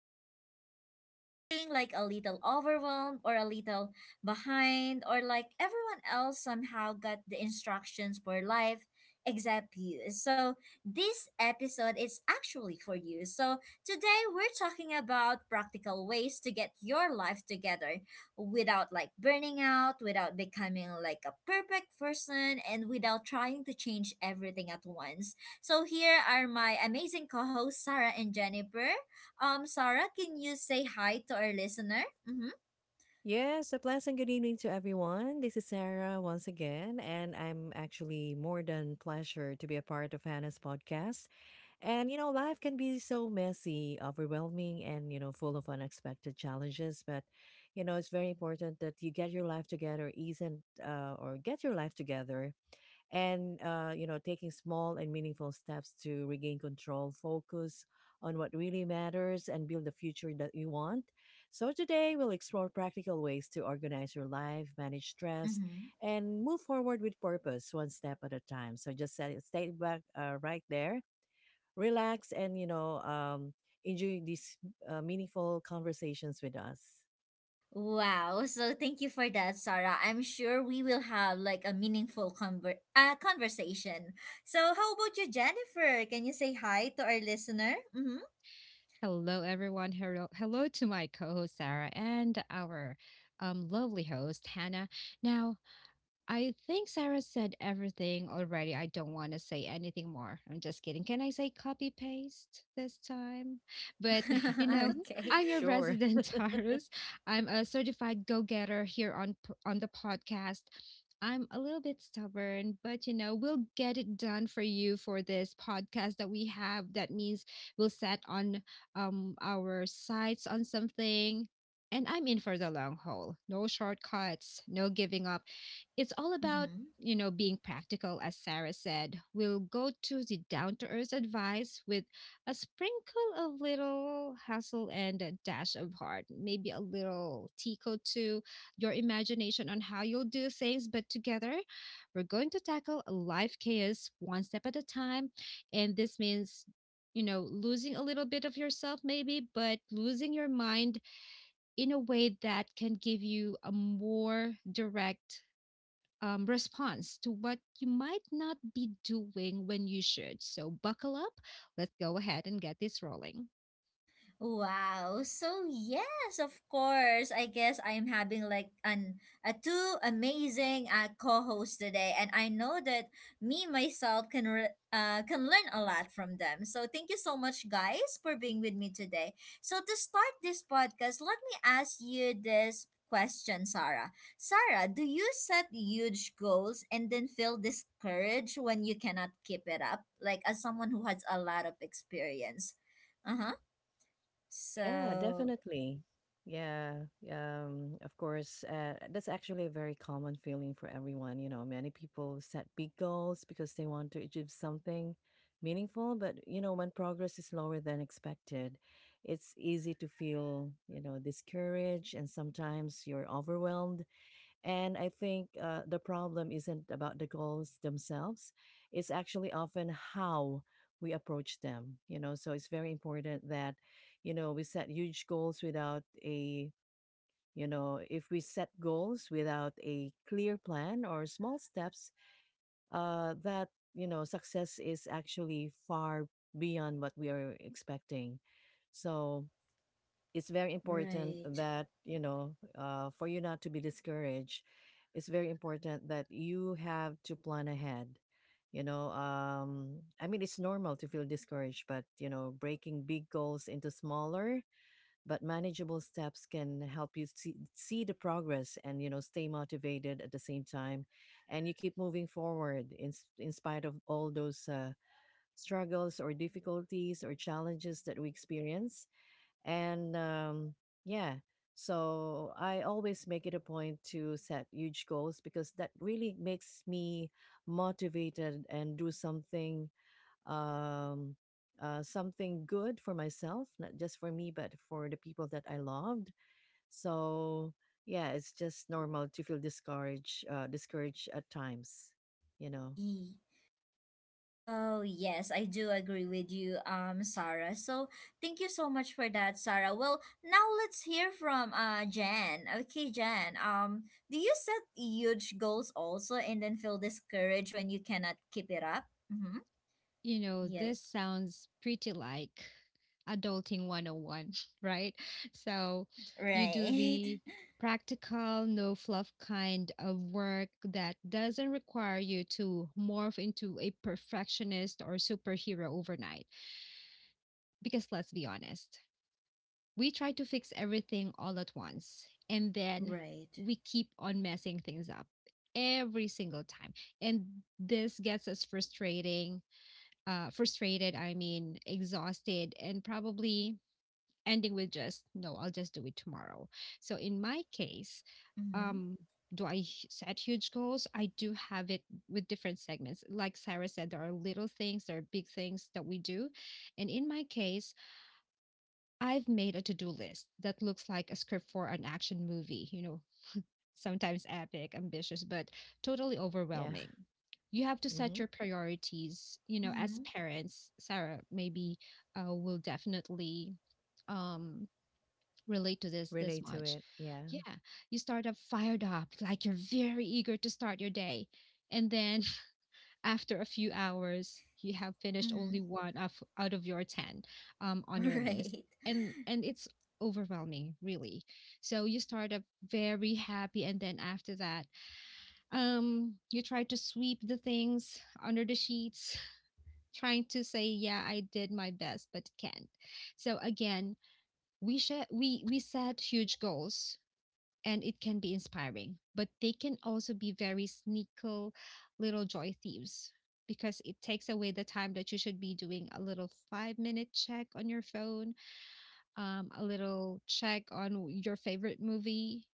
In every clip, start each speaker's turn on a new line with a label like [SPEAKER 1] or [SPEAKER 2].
[SPEAKER 1] podcast. And if you're feeling like a little overwhelmed or a little behind, or like everyone else somehow got the instructions for life except you, so this episode is actually for you. So today we're talking about practical ways to get your life together without like burning out, without becoming like a perfect person, and without trying to change everything at once. So here are my amazing co-hosts, Sarah and Jennifer. Sarah, can you say hi to our listener? Mm-hmm.
[SPEAKER 2] Yes, a pleasant good evening to everyone. This is Sarah once again, and I'm actually more than pleasure to be a part of Hannah's podcast. And life can be so messy, overwhelming, and full of unexpected challenges. But it's very important that you get your life together, isn't or get your life together, and taking small and meaningful steps to regain control, focus on what really matters, and build the future that you want. So today we'll explore practical ways to organize your life, manage stress,
[SPEAKER 1] Mm-hmm.
[SPEAKER 2] and move forward with purpose, one step at a time. So just set it, stay back, right there, relax, and enjoy these meaningful conversations with us.
[SPEAKER 1] Wow. So thank you for that, Sarah. I'm sure we will have like a meaningful conversation. So how about you, Jennifer? Can you say hi to our listener?
[SPEAKER 3] Hello, everyone. Hello, hello to my co-host Sarah and our lovely host Hannah. Now, I think Sarah said everything already. I don't want to say anything more. I'm just kidding. Can I say copy paste this time? But, you
[SPEAKER 1] Mm-hmm.
[SPEAKER 3] know,
[SPEAKER 1] Okay.
[SPEAKER 3] I'm your
[SPEAKER 2] Sure.
[SPEAKER 3] resident Taurus. I'm a certified go-getter here on on the podcast. I'm a little bit stubborn, but you know, we'll get it done for you for this podcast that we have. That means we'll set on our sights on something. And I'm in for the long haul. No shortcuts, no giving up, it's all about,
[SPEAKER 1] Mm-hmm.
[SPEAKER 3] you know, being practical, as Sarah said. We'll go to the down to earth advice with a sprinkle of little hustle and a dash of heart, maybe a little tickle to your imagination on how you'll do things. But together, we're going to tackle life chaos one step at a time. And this means, you know, losing a little bit of yourself, maybe, but losing your mind in a way that can give you a more direct response to what you might not be doing when you should. So, buckle up. Let's go ahead and get this rolling.
[SPEAKER 1] Wow. So yes, of course. I guess I'm having like an a two amazing co-hosts today, and I know that me myself can can learn a lot from them. So thank you so much, guys, for being with me today. So to start this podcast, let me ask you this question, Sarah. Sarah, do you set huge goals and then feel discouraged when you cannot keep it up? Like as someone who has a lot of experience. Uh huh.
[SPEAKER 2] Yeah,
[SPEAKER 1] So,
[SPEAKER 2] definitely. Yeah, of course, that's actually a very common feeling for everyone. You know, many people set big goals because they want to achieve something meaningful, but when progress is lower than expected, it's easy to feel, discouraged, and sometimes you're overwhelmed. And I think the problem isn't about the goals themselves. It's actually often how we approach them. So it's very important that, we set huge goals without if we set goals without a clear plan or small steps, that, success is actually far beyond what we are expecting. So, it's very important
[SPEAKER 1] right.
[SPEAKER 2] that for you not to be discouraged. It's very important that you have to plan ahead. I mean, it's normal to feel discouraged, but breaking big goals into smaller but manageable steps can help you see the progress, and stay motivated at the same time, and you keep moving forward in spite of all those struggles or difficulties or challenges that we experience. And yeah, so I always make it a point to set huge goals because that really makes me motivated and do something, um, something good for myself, not just for me, but for the people that I loved. So yeah, it's just normal to feel discouraged, discouraged at times, you know.
[SPEAKER 1] E. Oh, yes, I do agree with you, Sarah. So, thank you so much for that, Sarah. Well, now let's hear from Jan. Okay, Jan. Do you set huge goals also and then feel discouraged when you cannot keep it up? Mm-hmm.
[SPEAKER 3] You know, this
[SPEAKER 1] Yes.
[SPEAKER 3] sounds pretty like adulting 101, right? So, you do
[SPEAKER 1] Right.
[SPEAKER 3] the practical, no fluff kind of work that doesn't require you to morph into a perfectionist or superhero overnight. Because let's be honest, we try to fix everything all at once and then
[SPEAKER 1] Right.
[SPEAKER 3] we keep on messing things up every single time, and this gets us frustrating frustrated, I mean exhausted and probably ending with just, no, I'll just do it tomorrow. So in my case,
[SPEAKER 1] Mm-hmm.
[SPEAKER 3] um do I set huge goals, I do have it with different segments, like Sarah said, there are little things, there are big things that we do. And in my case, I've made a to-do list that looks like a script for an action movie, you know, sometimes epic, ambitious, but totally
[SPEAKER 2] Yeah.
[SPEAKER 3] overwhelming. You have to set
[SPEAKER 2] Mm-hmm.
[SPEAKER 3] your priorities, you know, as
[SPEAKER 1] Mm-hmm.
[SPEAKER 3] parents, Sarah maybe will definitely um relate to this
[SPEAKER 2] Relate to
[SPEAKER 3] much.
[SPEAKER 2] it. Yeah.
[SPEAKER 3] Yeah, you start up fired up, like you're very eager to start your day. And then after a few hours you have finished only
[SPEAKER 1] Mm-hmm.
[SPEAKER 3] one of, out of your 10 on your list,
[SPEAKER 1] Right.
[SPEAKER 3] and it's overwhelming really. So you start up very happy, and then after that, you try to sweep the things under the sheets, trying to say, yeah, I did my best, but can't. So again, we sh- we set huge goals, and it can be inspiring, but they can also be very sneaky little joy thieves, because it takes away the time that you should be doing a little 5 minute check on your phone, a little check on your favorite movie.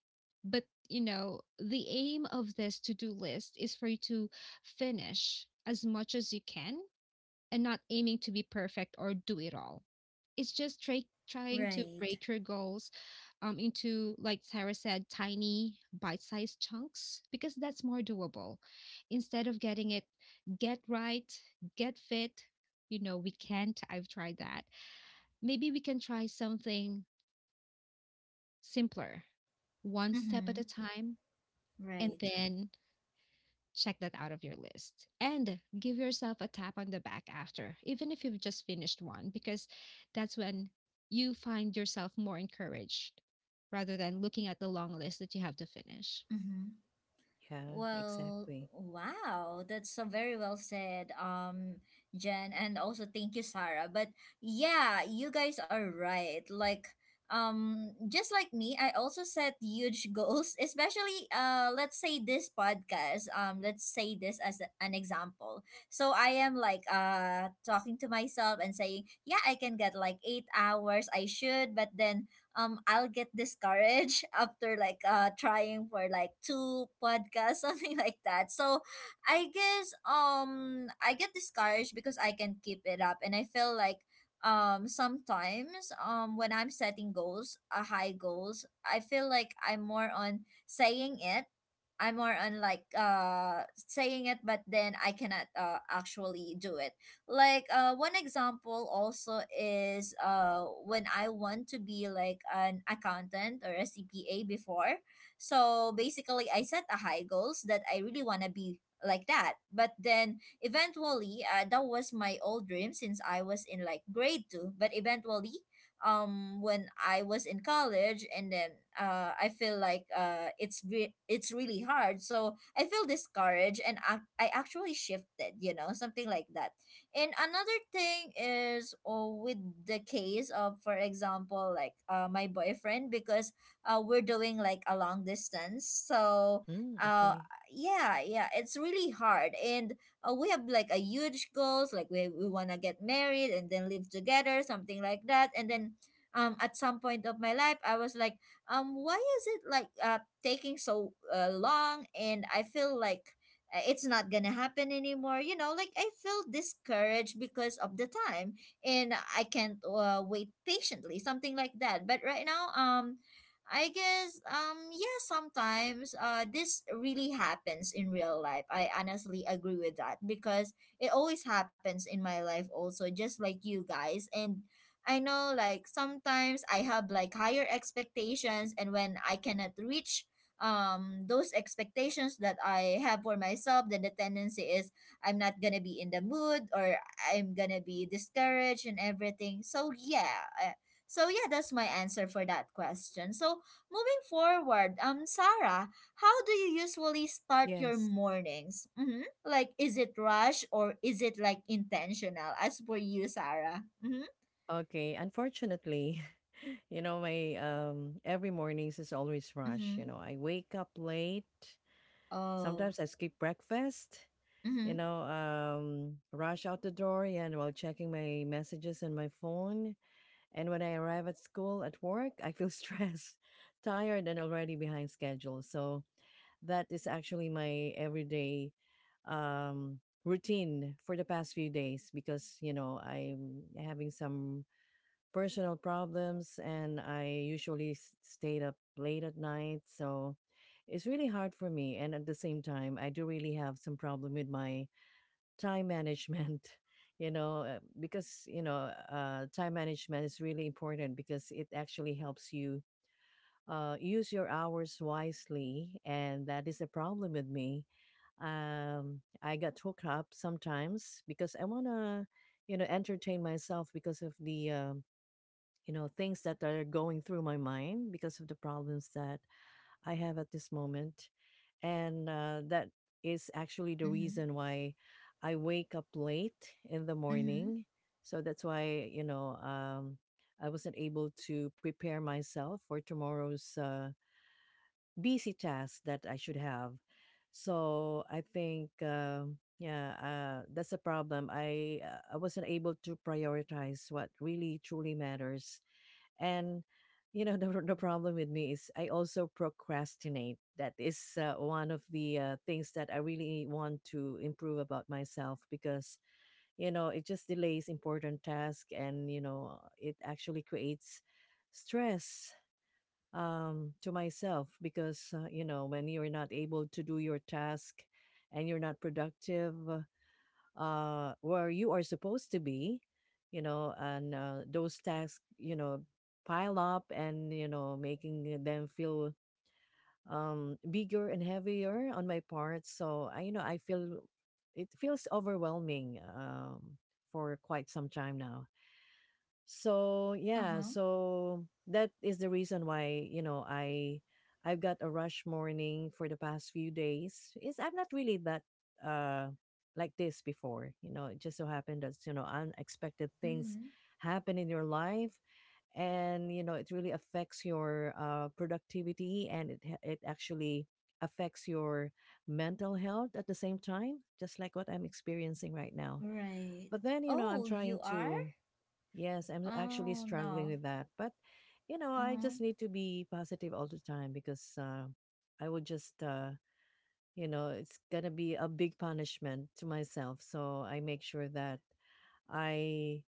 [SPEAKER 3] But you know, the aim of this to do list is for you to finish as much as you can and not aiming to be perfect or do it all. It's just try, trying to
[SPEAKER 1] Right.
[SPEAKER 3] break your goals into, like Sarah said, tiny bite sized chunks, because that's more doable. Instead of getting it, get right, get fit, you know, we can't. I've tried that. Maybe we can try something simpler, one step at
[SPEAKER 1] Mm-hmm.
[SPEAKER 3] a time, and
[SPEAKER 1] Right.
[SPEAKER 3] then check that out of your list and give yourself a tap on the back after, even if you've just finished one, because that's when you find yourself more encouraged rather than looking at the long list that you have to finish.
[SPEAKER 1] Mm-hmm.
[SPEAKER 2] Yeah.
[SPEAKER 1] Well,
[SPEAKER 2] Exactly.
[SPEAKER 1] wow, that's so very well said, Jen, and also thank you, Sarah. But yeah, you guys are right. Like, just like me, I also set huge goals, especially let's say this podcast. Let's say this as an example. So I am like talking to myself and saying, yeah, I can get like 8 hours. I should, but then I'll get discouraged after like trying for like two podcasts something like that. So I guess I get discouraged because I can keep it up and I feel like sometimes when I'm setting goals, high goals, I feel like I'm more on saying it, I'm more on like, saying it, but then I cannot actually do it. Like one example also is when I want to be like an accountant or a CPA before. So basically I set a high goals that I really want to be like that. But then eventually that was my old dream since I was in like grade 2. But eventually when I was in college and then I feel like it's it's really hard, so I feel discouraged and I actually shifted, something like that. And another thing is, oh, with the case of, for example, like my boyfriend, because we're doing like a long distance. So,
[SPEAKER 2] Mm,
[SPEAKER 1] uh,
[SPEAKER 2] okay.
[SPEAKER 1] yeah, yeah, it's really hard. And we have like a huge goals, like we want to get married and then live together, something like that. And then at some point of my life, I was like, why is it like taking so long? And I feel like it's not gonna happen anymore, like I feel discouraged because of the time, and I can't wait patiently, something like that. But right now I guess yeah, sometimes this really happens in real life. I honestly agree with that because it always happens in my life also, just like you guys. And I know, like, sometimes I have like higher expectations, and when I cannot reach those expectations that I have for myself, then the tendency is I'm not gonna be in the mood, or I'm gonna be discouraged and everything. So yeah, that's my answer for that question. So moving forward, Sarah, how do you usually start your
[SPEAKER 2] Yes.
[SPEAKER 1] mornings? Mm-hmm. Like, is it rush or is it like intentional? As for you, Sarah. Mm-hmm.
[SPEAKER 2] Okay, unfortunately, my every mornings is always rush. You
[SPEAKER 1] Mm-hmm.
[SPEAKER 2] know, I wake up late.
[SPEAKER 1] Oh.
[SPEAKER 2] Sometimes I skip breakfast,
[SPEAKER 1] Mm-hmm.
[SPEAKER 2] you know, rush out the door, yeah, and while checking my messages and my phone. And when I arrive at school at work, I feel stressed, tired, and already behind schedule. So that is actually my everyday um routine for the past few days because, you know, I'm having some personal problems and I usually stayed up late at night. So it's really hard for me. And at the same time, I do really have some problem with my time management, you know, because, you know, time management is really important because it actually helps you use your hours wisely, and that is a problem with me. I got hooked up sometimes because I wanna, you know, entertain myself because of the things that are going through my mind because of the problems that I have at this moment. And that is actually the
[SPEAKER 1] Mm-hmm.
[SPEAKER 2] reason why I wake up late in the
[SPEAKER 1] Mm-hmm.
[SPEAKER 2] morning. So that's why, you know, I wasn't able to prepare myself for tomorrow's busy task that I should have. So I think, that's a problem. I wasn't able to prioritize what really truly matters. And you know, the problem with me is I also procrastinate. That is one of the things that I really want to improve about myself because you know it just delays important tasks, and you know it actually creates stress to myself because you know, when you're not able to do your task and you're not productive, where you are supposed to be, you know, and those tasks, you know, pile up and, you know, making them feel bigger and heavier on my part. So, I feel it feels overwhelming for quite some time now. So yeah,
[SPEAKER 1] Uh-huh.
[SPEAKER 2] so that is the reason why, you know, I've got a rush morning for the past few days. Is I'm not really that uh like this before. You know, it just so happened that, you know, unexpected things
[SPEAKER 1] Mm-hmm.
[SPEAKER 2] happen in your life, and you know it really affects your productivity, and it actually affects your mental health at the same time, just like what I'm experiencing right now.
[SPEAKER 1] Right.
[SPEAKER 2] But then, you know, I'm
[SPEAKER 1] Oh,
[SPEAKER 2] trying
[SPEAKER 1] you are?
[SPEAKER 2] to. Yes, I'm actually
[SPEAKER 1] Oh,
[SPEAKER 2] struggling
[SPEAKER 1] no.
[SPEAKER 2] with that. But, you know, I
[SPEAKER 1] Uh-huh.
[SPEAKER 2] just need to be positive all the time because I would just, you know, it's going to be a big punishment to myself. So I make sure that I,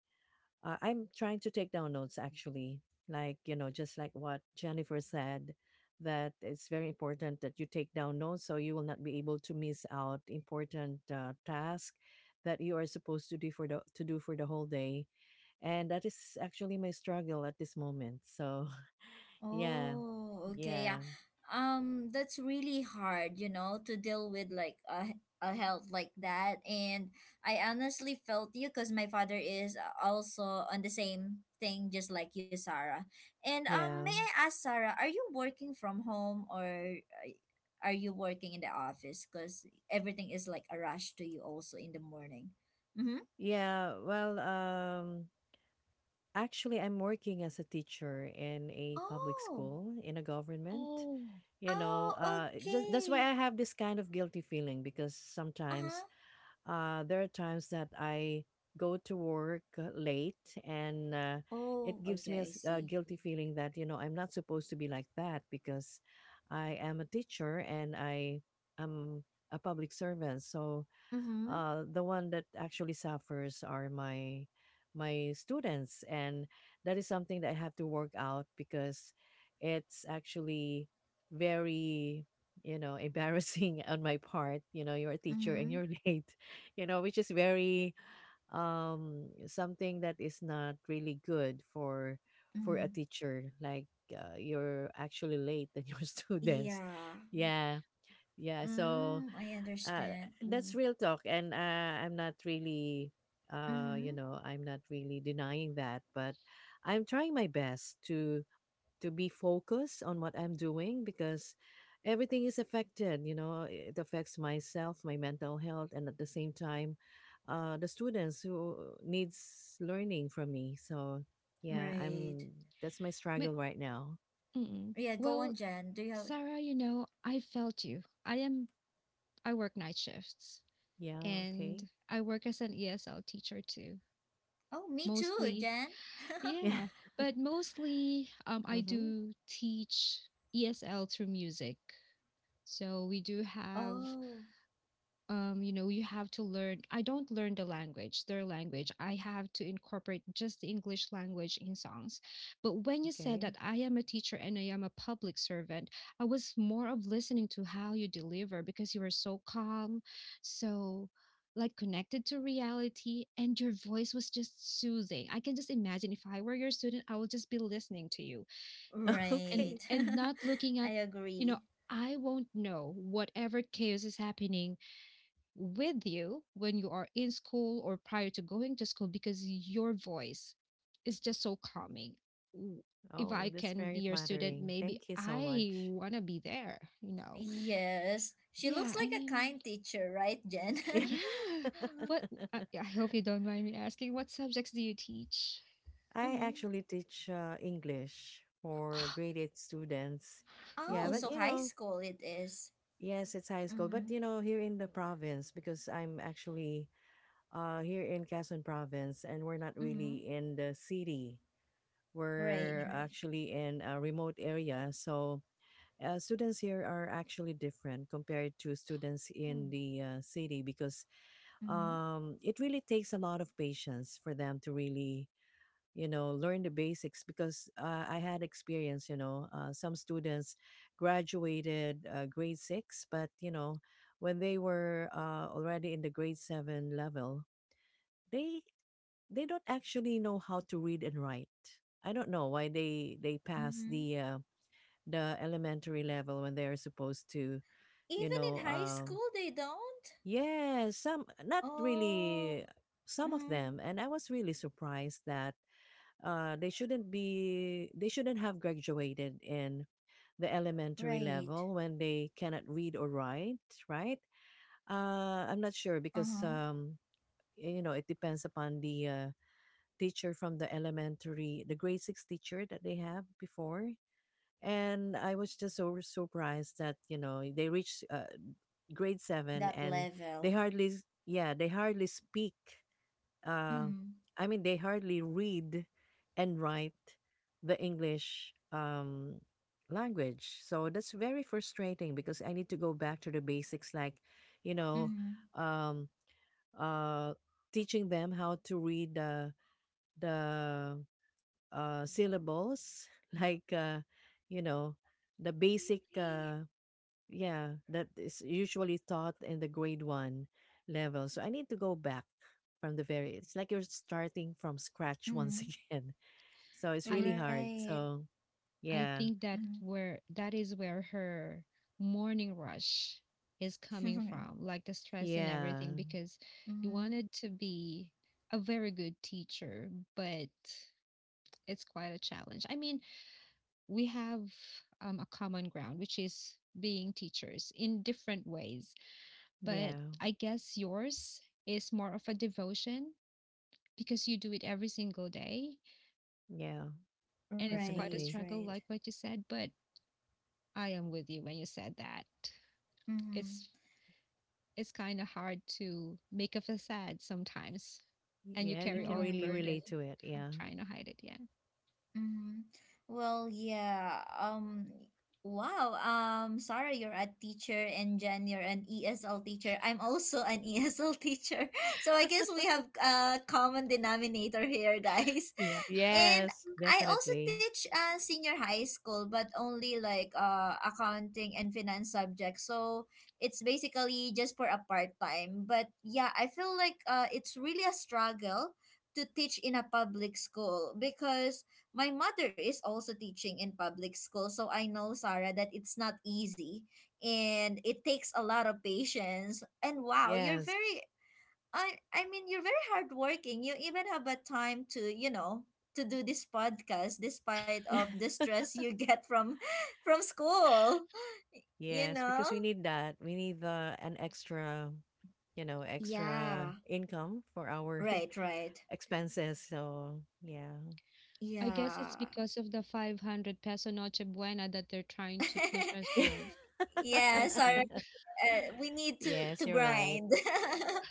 [SPEAKER 2] I'm trying to take down notes actually. Like, you know, just like what Jennifer said, that it's very important that you take down notes so you will not be able to miss out important tasks that you are supposed to do for to do for the whole day, and that is actually my struggle at this moment. So, yeah.
[SPEAKER 1] Oh, okay.
[SPEAKER 2] Yeah.
[SPEAKER 1] Yeah. That's really hard, to deal with like a health like that. And I honestly felt you because my father is also on the same thing, just like you, Sarah. And may
[SPEAKER 2] Yeah.
[SPEAKER 1] I ask, Sarah, are you working from home or uh, are you working in the office? Because everything is like a rush to you also in the morning. Mm-hmm.
[SPEAKER 2] Yeah. Well, actually I'm working as a teacher in a public
[SPEAKER 1] Oh.
[SPEAKER 2] school in a government.
[SPEAKER 3] Oh.
[SPEAKER 2] You know,
[SPEAKER 1] Oh,
[SPEAKER 2] just that's why
[SPEAKER 1] okay.
[SPEAKER 2] I have this kind of guilty feeling because
[SPEAKER 1] Uh-huh.
[SPEAKER 2] sometimes there are times that I go to work late, and it
[SPEAKER 1] Oh,
[SPEAKER 2] gives me
[SPEAKER 1] okay, I
[SPEAKER 2] a
[SPEAKER 1] see.
[SPEAKER 2] guilty feeling that, you know, I'm not supposed to be like that because I am a teacher and I am a public servant. So
[SPEAKER 1] Mm-hmm.
[SPEAKER 2] the one that actually suffers are my students, and that is something that I have to work out because it's actually very, you know, embarrassing on my part. You know, you're a teacher and
[SPEAKER 1] Mm-hmm.
[SPEAKER 2] you're late, you know, which is very something that is not really good for
[SPEAKER 1] Mm-hmm.
[SPEAKER 2] a teacher, like, you're actually late than your students,
[SPEAKER 1] Yeah.
[SPEAKER 3] Mm,
[SPEAKER 2] yeah. Yeah, so
[SPEAKER 1] Mm, I
[SPEAKER 2] uh,
[SPEAKER 1] understand.
[SPEAKER 2] that's real talk, and I'm not really, you
[SPEAKER 1] Mm-hmm.
[SPEAKER 2] know, I'm not really denying that, but I'm trying my best to be focused on what I'm doing because everything is affected. You know, it affects myself, my mental health, and at the same time, the students who needs learning from me. So
[SPEAKER 3] mm,
[SPEAKER 2] yeah,
[SPEAKER 3] mm,
[SPEAKER 1] Right.
[SPEAKER 2] I'm that's my struggle right now.
[SPEAKER 3] mm.
[SPEAKER 1] Yeah, go on,
[SPEAKER 3] Well,
[SPEAKER 1] Jen. Do you have—
[SPEAKER 3] Sarah, you know, I felt you. I am, I work night shifts
[SPEAKER 2] Yeah,
[SPEAKER 3] and
[SPEAKER 2] okay.
[SPEAKER 3] I work as an ESL teacher too,
[SPEAKER 1] Oh, me too,
[SPEAKER 3] mostly.
[SPEAKER 1] Jen.
[SPEAKER 2] Yeah.
[SPEAKER 3] Yeah, but mostly I
[SPEAKER 2] Mm-hmm.
[SPEAKER 3] do teach ESL through music. So we do have,
[SPEAKER 1] Oh,
[SPEAKER 3] you know, you have to learn. I don't learn the language, their language. I have to incorporate just the English language in songs. But when you said
[SPEAKER 2] Okay.
[SPEAKER 3] that I am a teacher and I am a public servant, I was more of listening to how you deliver, because you were so calm, so like connected to reality, and your voice was just soothing. I can just imagine if I were your student, I would just be listening to you and
[SPEAKER 1] right.
[SPEAKER 2] Okay.
[SPEAKER 3] not looking
[SPEAKER 1] I
[SPEAKER 3] at, you know,
[SPEAKER 1] agree.
[SPEAKER 3] I won't know whatever chaos is happening with you when you are in school or prior to going to school, because your voice is just so calming. W- If
[SPEAKER 2] Oh,
[SPEAKER 3] I
[SPEAKER 2] that's
[SPEAKER 3] can be
[SPEAKER 2] very
[SPEAKER 3] your student,
[SPEAKER 2] flattering.
[SPEAKER 3] maybe
[SPEAKER 2] Thank you so
[SPEAKER 3] I
[SPEAKER 2] much.
[SPEAKER 3] want to be there, you know.
[SPEAKER 1] Yes. She looks
[SPEAKER 3] Yeah, I
[SPEAKER 1] like a
[SPEAKER 3] mean,
[SPEAKER 1] kind teacher, right, Jen?
[SPEAKER 3] yeah. What, I,
[SPEAKER 2] Yeah.
[SPEAKER 3] I hope you don't mind me asking, what subjects do you teach?
[SPEAKER 2] I
[SPEAKER 1] Mm-hmm.
[SPEAKER 2] actually teach English for grade 8 students. Yeah,
[SPEAKER 1] Oh,
[SPEAKER 2] but
[SPEAKER 3] Mm-mm.
[SPEAKER 1] so
[SPEAKER 2] you
[SPEAKER 1] high
[SPEAKER 2] know,
[SPEAKER 1] school it is.
[SPEAKER 2] yes, it's high school.
[SPEAKER 1] Mm-hmm.
[SPEAKER 2] But you know, here in the province, because I'm actually here in Quezon province and we're not
[SPEAKER 1] Mm-hmm.
[SPEAKER 2] really in the city,
[SPEAKER 1] Right,
[SPEAKER 2] we're
[SPEAKER 3] Mm-mm.
[SPEAKER 1] right.
[SPEAKER 2] actually in a remote area. So students here are actually different compared to students
[SPEAKER 3] Oh,
[SPEAKER 2] in the city because
[SPEAKER 1] Mm-hmm.
[SPEAKER 2] it really takes a lot of patience for them to really, you know, learn the basics because I had experience, you know, some students graduated grade 6, but you know, when they were already in the grade 7 level, they they don't actually know how to read and write. I don't know why they pass
[SPEAKER 1] Mm-hmm.
[SPEAKER 2] the elementary level when they are supposed to, you
[SPEAKER 1] Even in
[SPEAKER 2] know,
[SPEAKER 1] high school, they don't?
[SPEAKER 2] Yes, some not
[SPEAKER 1] Oh.
[SPEAKER 2] really, some of
[SPEAKER 1] Mm-hmm.
[SPEAKER 2] them, and I was really surprised that they shouldn't have graduated in the elementary
[SPEAKER 1] Right.
[SPEAKER 2] level when they cannot read or write, right? I'm not sure because
[SPEAKER 1] Uh-huh.
[SPEAKER 2] you know, it depends upon the teacher from the elementary, the grade 6 teacher that they have before. And I was just so surprised that, you know, they reached grade 7,
[SPEAKER 1] That
[SPEAKER 2] and
[SPEAKER 1] level.
[SPEAKER 2] yeah, they hardly speak. Uh,
[SPEAKER 1] Mm-hmm.
[SPEAKER 2] I mean, they hardly read and write the English language. So that's very frustrating because I need to go back to the basics, like, you know,
[SPEAKER 1] Mm-hmm.
[SPEAKER 2] um, uh, teaching them how to read the syllables, like, you know, the basic
[SPEAKER 3] really?
[SPEAKER 2] yeah, that is usually taught in the grade 1 level. So I need to go back from the very. It's like you're starting from scratch once
[SPEAKER 1] Mm-hmm.
[SPEAKER 2] again. So it's
[SPEAKER 3] I
[SPEAKER 2] really hard.
[SPEAKER 1] Right.
[SPEAKER 2] So
[SPEAKER 3] I
[SPEAKER 2] yeah,
[SPEAKER 3] think that
[SPEAKER 1] Mm-hmm.
[SPEAKER 3] where that is where her morning rush is coming
[SPEAKER 1] Right.
[SPEAKER 3] from, like the stress and
[SPEAKER 2] yeah,
[SPEAKER 3] everything, because you
[SPEAKER 1] Mm-hmm.
[SPEAKER 3] wanted to be a very good teacher, but it's quite a challenge. I mean, we have, a common ground, which is being teachers in different ways, but
[SPEAKER 2] yeah,
[SPEAKER 3] I guess yours is more of a devotion because you do it every single day
[SPEAKER 2] yeah,
[SPEAKER 3] and it's quite
[SPEAKER 1] Right,
[SPEAKER 3] a
[SPEAKER 2] definitely.
[SPEAKER 3] struggle,
[SPEAKER 1] right.
[SPEAKER 3] like what you said, but I am with you when you said that.
[SPEAKER 1] Mm-hmm.
[SPEAKER 3] it's it's kind of hard to make a facade sometimes and you
[SPEAKER 2] Yeah, you
[SPEAKER 3] carry
[SPEAKER 2] can
[SPEAKER 3] all the
[SPEAKER 2] really
[SPEAKER 1] Right.
[SPEAKER 3] burden.
[SPEAKER 2] relate to it. Yeah.
[SPEAKER 3] Trying to hide it, yeah.
[SPEAKER 1] Mm-hmm. Well, yeah. Wow. Sarah, you're a teacher, and Jen, you're an ESL teacher. I'm also an ESL teacher, so I guess we have a common denominator here, guys.
[SPEAKER 3] Yeah.
[SPEAKER 1] And
[SPEAKER 2] Yes,
[SPEAKER 1] I also
[SPEAKER 2] definitely.
[SPEAKER 1] teach senior high school, but only like accounting and finance subjects. So it's basically just for a part time. But yeah, I feel like it's really a struggle to teach in a public school because my mother is also teaching in public school, so I know, Sarah, that it's not easy and it takes a lot of patience. And wow, you're
[SPEAKER 2] Yes.
[SPEAKER 1] very— I mean, you're very hardworking. You even have a time to, to do this podcast despite of the stress you get from from school, you
[SPEAKER 2] Yes,
[SPEAKER 1] know?
[SPEAKER 2] because we need that. We need the an extra, you know, extra
[SPEAKER 1] Yeah.
[SPEAKER 2] income for our
[SPEAKER 1] Right, right.
[SPEAKER 2] expenses. So yeah.
[SPEAKER 3] I guess it's
[SPEAKER 1] Yeah.
[SPEAKER 3] because of the 500 peso noche buena that they're trying to push us with,
[SPEAKER 1] Yeah,
[SPEAKER 3] I
[SPEAKER 1] Sarah,
[SPEAKER 3] think.
[SPEAKER 1] we need to
[SPEAKER 2] Yes,
[SPEAKER 1] to
[SPEAKER 2] you're right.
[SPEAKER 1] grind.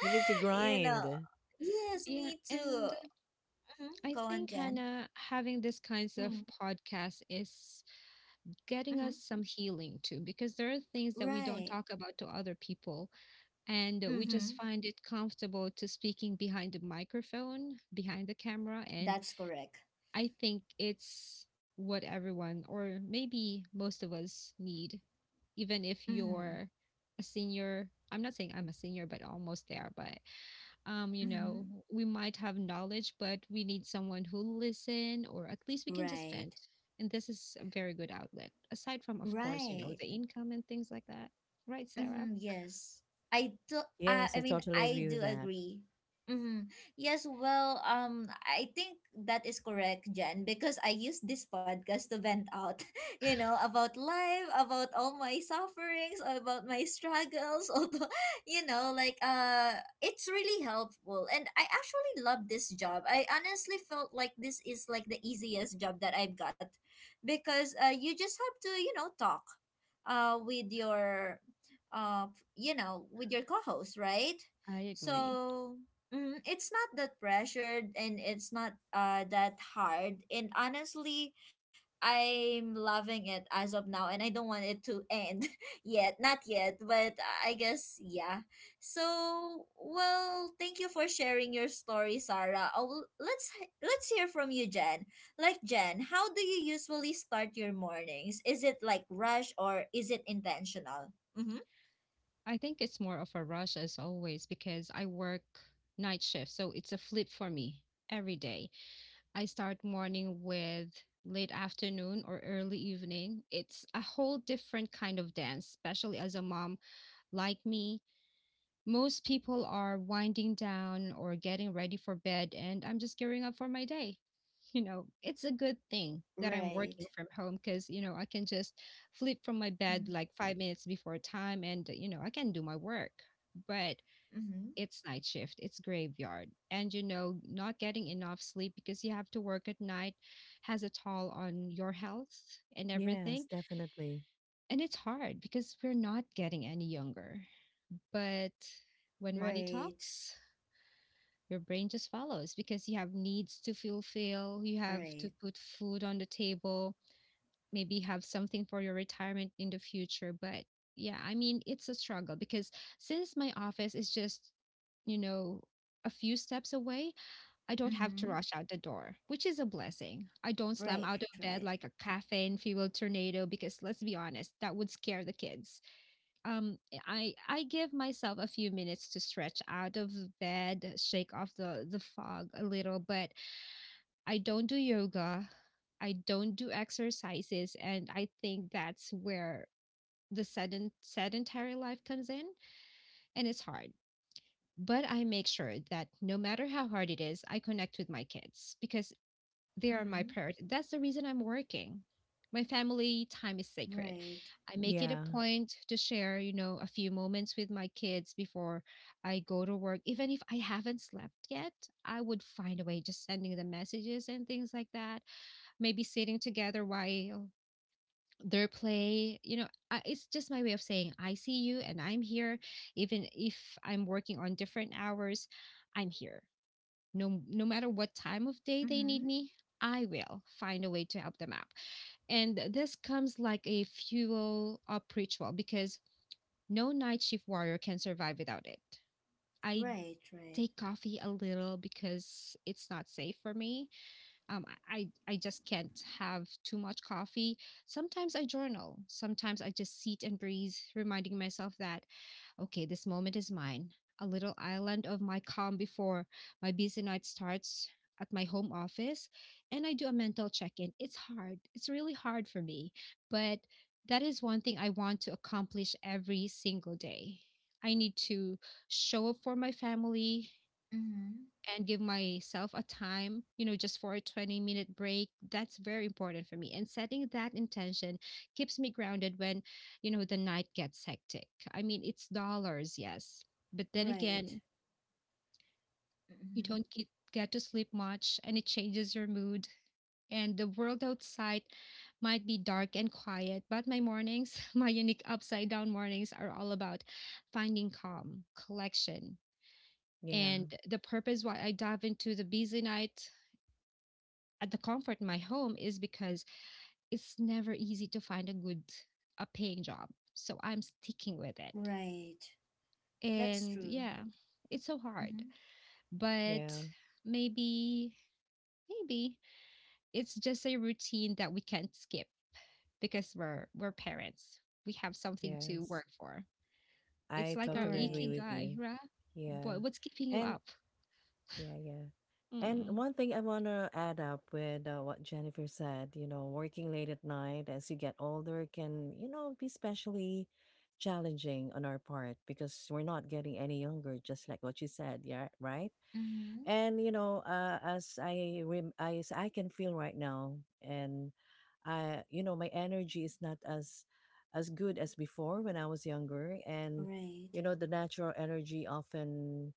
[SPEAKER 2] You need to
[SPEAKER 1] You know.
[SPEAKER 2] grind.
[SPEAKER 1] Yes,
[SPEAKER 3] Yeah,
[SPEAKER 1] me too.
[SPEAKER 3] and
[SPEAKER 1] Hmm.
[SPEAKER 3] I
[SPEAKER 1] Go on,
[SPEAKER 3] think
[SPEAKER 1] Jen.
[SPEAKER 3] Hannah having these kinds of
[SPEAKER 1] Mm.
[SPEAKER 3] podcasts is getting
[SPEAKER 1] Hmm.
[SPEAKER 3] us some healing too, because there are things that we don't
[SPEAKER 1] Right.
[SPEAKER 3] talk about to other people, and we just
[SPEAKER 1] Mm-hmm.
[SPEAKER 3] find it comfortable to speaking behind the microphone, behind the camera. And
[SPEAKER 1] That's correct.
[SPEAKER 3] I think it's what everyone or maybe most of us need, even if
[SPEAKER 1] Mm-hmm.
[SPEAKER 3] you're a senior. I'm not saying I'm a senior, but almost there. But you
[SPEAKER 1] Mm-hmm.
[SPEAKER 3] know, we might have knowledge, but we need someone who listen, or at least we can just
[SPEAKER 1] Right.
[SPEAKER 3] vent. And this is a very good outlet, aside from, of course, you know,
[SPEAKER 1] Right.
[SPEAKER 3] the income and things like that. Right, Sarah?
[SPEAKER 1] Mm-hmm, yes. I do. I,
[SPEAKER 2] Yes,
[SPEAKER 1] I
[SPEAKER 2] I
[SPEAKER 1] mean,
[SPEAKER 2] totally
[SPEAKER 1] I
[SPEAKER 2] agree with
[SPEAKER 1] do
[SPEAKER 2] that.
[SPEAKER 1] agree. Mm-hmm. Yes, well, I think that is correct, Jen, because I use this podcast to vent out, about life, about all my sufferings, about my struggles, although, like it's really helpful. And I actually love this job. I honestly felt like this is like the easiest job that I've got because you just have to, talk with your uh, with your co-host, right?
[SPEAKER 3] I agree.
[SPEAKER 1] So, it's not that pressured and it's not that hard. And honestly, I'm loving it as of now, and I don't want it to end yet. Not yet, but I guess, yeah. So, well, thank you for sharing your story, Sarah. Oh, let's hear from you, Jen. Like, Jen, how do you usually start your mornings? Is it like rush or is it intentional? Mm-hmm.
[SPEAKER 3] I think it's more of a rush as always because I work night shift. So it's a flip for me every day. I start morning with late afternoon or early evening. It's a whole different kind of dance, especially as a mom like me. Most people are winding down or getting ready for bed, and I'm just gearing up for my day. You know, it's a good thing that I'm working
[SPEAKER 1] Right.
[SPEAKER 3] from home because, you know, I can just flip from my
[SPEAKER 1] Mm-hmm.
[SPEAKER 3] bed like 5 minutes before time and, you know, I can do my work. But
[SPEAKER 1] Mm-hmm.
[SPEAKER 3] it's night shift, it's graveyard. And you know, not getting enough sleep because you have to work at night has a toll on your health and
[SPEAKER 2] Yes,
[SPEAKER 3] everything.
[SPEAKER 2] definitely.
[SPEAKER 3] And it's hard because we're not getting any younger. But when money
[SPEAKER 1] Right.
[SPEAKER 3] talks, your brain just follows because you have needs to fulfill, you have to
[SPEAKER 1] Right.
[SPEAKER 3] put food on the table, maybe have something for your retirement in the future. But yeah, I mean, it's a struggle because since my office is just, you know, a few steps away, I don't have to
[SPEAKER 1] Mm-hmm.
[SPEAKER 3] rush out the door, which is a blessing. I don't slam
[SPEAKER 1] Right.
[SPEAKER 3] out of
[SPEAKER 1] Right.
[SPEAKER 3] bed like a caffeine fueled tornado because let's be honest, that would scare the kids. I give myself a few minutes to stretch out of bed, shake off the fog a little, but I don't do yoga. I don't do exercises, and I think that's where the sedentary life comes in, and it's hard, but I make sure that no matter how hard it is, I connect with my kids because they are my
[SPEAKER 1] Mm-hmm.
[SPEAKER 3] priority. That's the reason I'm working. My family time is sacred.
[SPEAKER 1] Right.
[SPEAKER 3] I make it a
[SPEAKER 2] Yeah,
[SPEAKER 3] point to share, you know, a few moments with my kids before I go to work. Even if I haven't slept yet, I would find a way just sending them messages and things like that. Maybe sitting together while their play, you know, I, it's just my way of saying I see you and I'm here. Even if I'm working on different hours, I'm here, no matter what time of day they
[SPEAKER 1] Mm-hmm.
[SPEAKER 3] need me, I will find a way to help them out. And this comes like a fuel up ritual because no night shift warrior can survive without it. I
[SPEAKER 1] Right. Right.
[SPEAKER 3] take coffee a little because it's not safe for me, um, I just can't have too much coffee. Sometimes I journal, sometimes I just sit and breathe, reminding myself that, okay, this moment is mine, a little island of my calm before my busy night starts at my home office, and I do a mental check in. It's hard, it's really hard for me, but that is one thing I want to accomplish every single day. I need to show up for my family,
[SPEAKER 1] Mm-hmm.
[SPEAKER 3] and give myself a time, just for a 20-minute break. That's very important for me. And setting that intention keeps me grounded when the night gets hectic. I mean, it's dollars, yes. But then
[SPEAKER 1] Right.
[SPEAKER 3] again, you
[SPEAKER 1] Mm-hmm.
[SPEAKER 3] don't get to sleep much and it changes your mood. And the world outside might be dark and quiet, but my mornings, my unique upside down mornings, are all about finding calm, collection,
[SPEAKER 2] yeah,
[SPEAKER 3] and the purpose why I dive into the busy night at the comfort of my home is because it's never easy to find a paying job. So I'm sticking with it.
[SPEAKER 1] Right. That's
[SPEAKER 3] And
[SPEAKER 1] true.
[SPEAKER 3] yeah, it's so hard.
[SPEAKER 1] Mm-hmm.
[SPEAKER 3] But
[SPEAKER 2] yeah,
[SPEAKER 3] maybe maybe it's just a routine that we can't skip because we're parents. We have something to
[SPEAKER 2] yes.
[SPEAKER 3] work for. It's
[SPEAKER 2] I
[SPEAKER 3] like our
[SPEAKER 2] totally agree
[SPEAKER 1] Right.
[SPEAKER 2] with
[SPEAKER 3] ikigai,
[SPEAKER 2] you.
[SPEAKER 3] right?
[SPEAKER 2] Yeah.
[SPEAKER 3] What's keeping you
[SPEAKER 2] And
[SPEAKER 3] up?
[SPEAKER 2] yeah, yeah. And
[SPEAKER 3] Mm,
[SPEAKER 2] one thing I want to add up with what Jennifer said, you know, working late at night as you get older can, you know, be especially challenging on our part because we're not getting any younger, just like what you said. Yeah, right?
[SPEAKER 1] Mm-hmm.
[SPEAKER 2] And you know, as I can feel right now, and I, you know, my energy is not as good as before when I was younger. And
[SPEAKER 1] Right.
[SPEAKER 2] you know, the natural energy often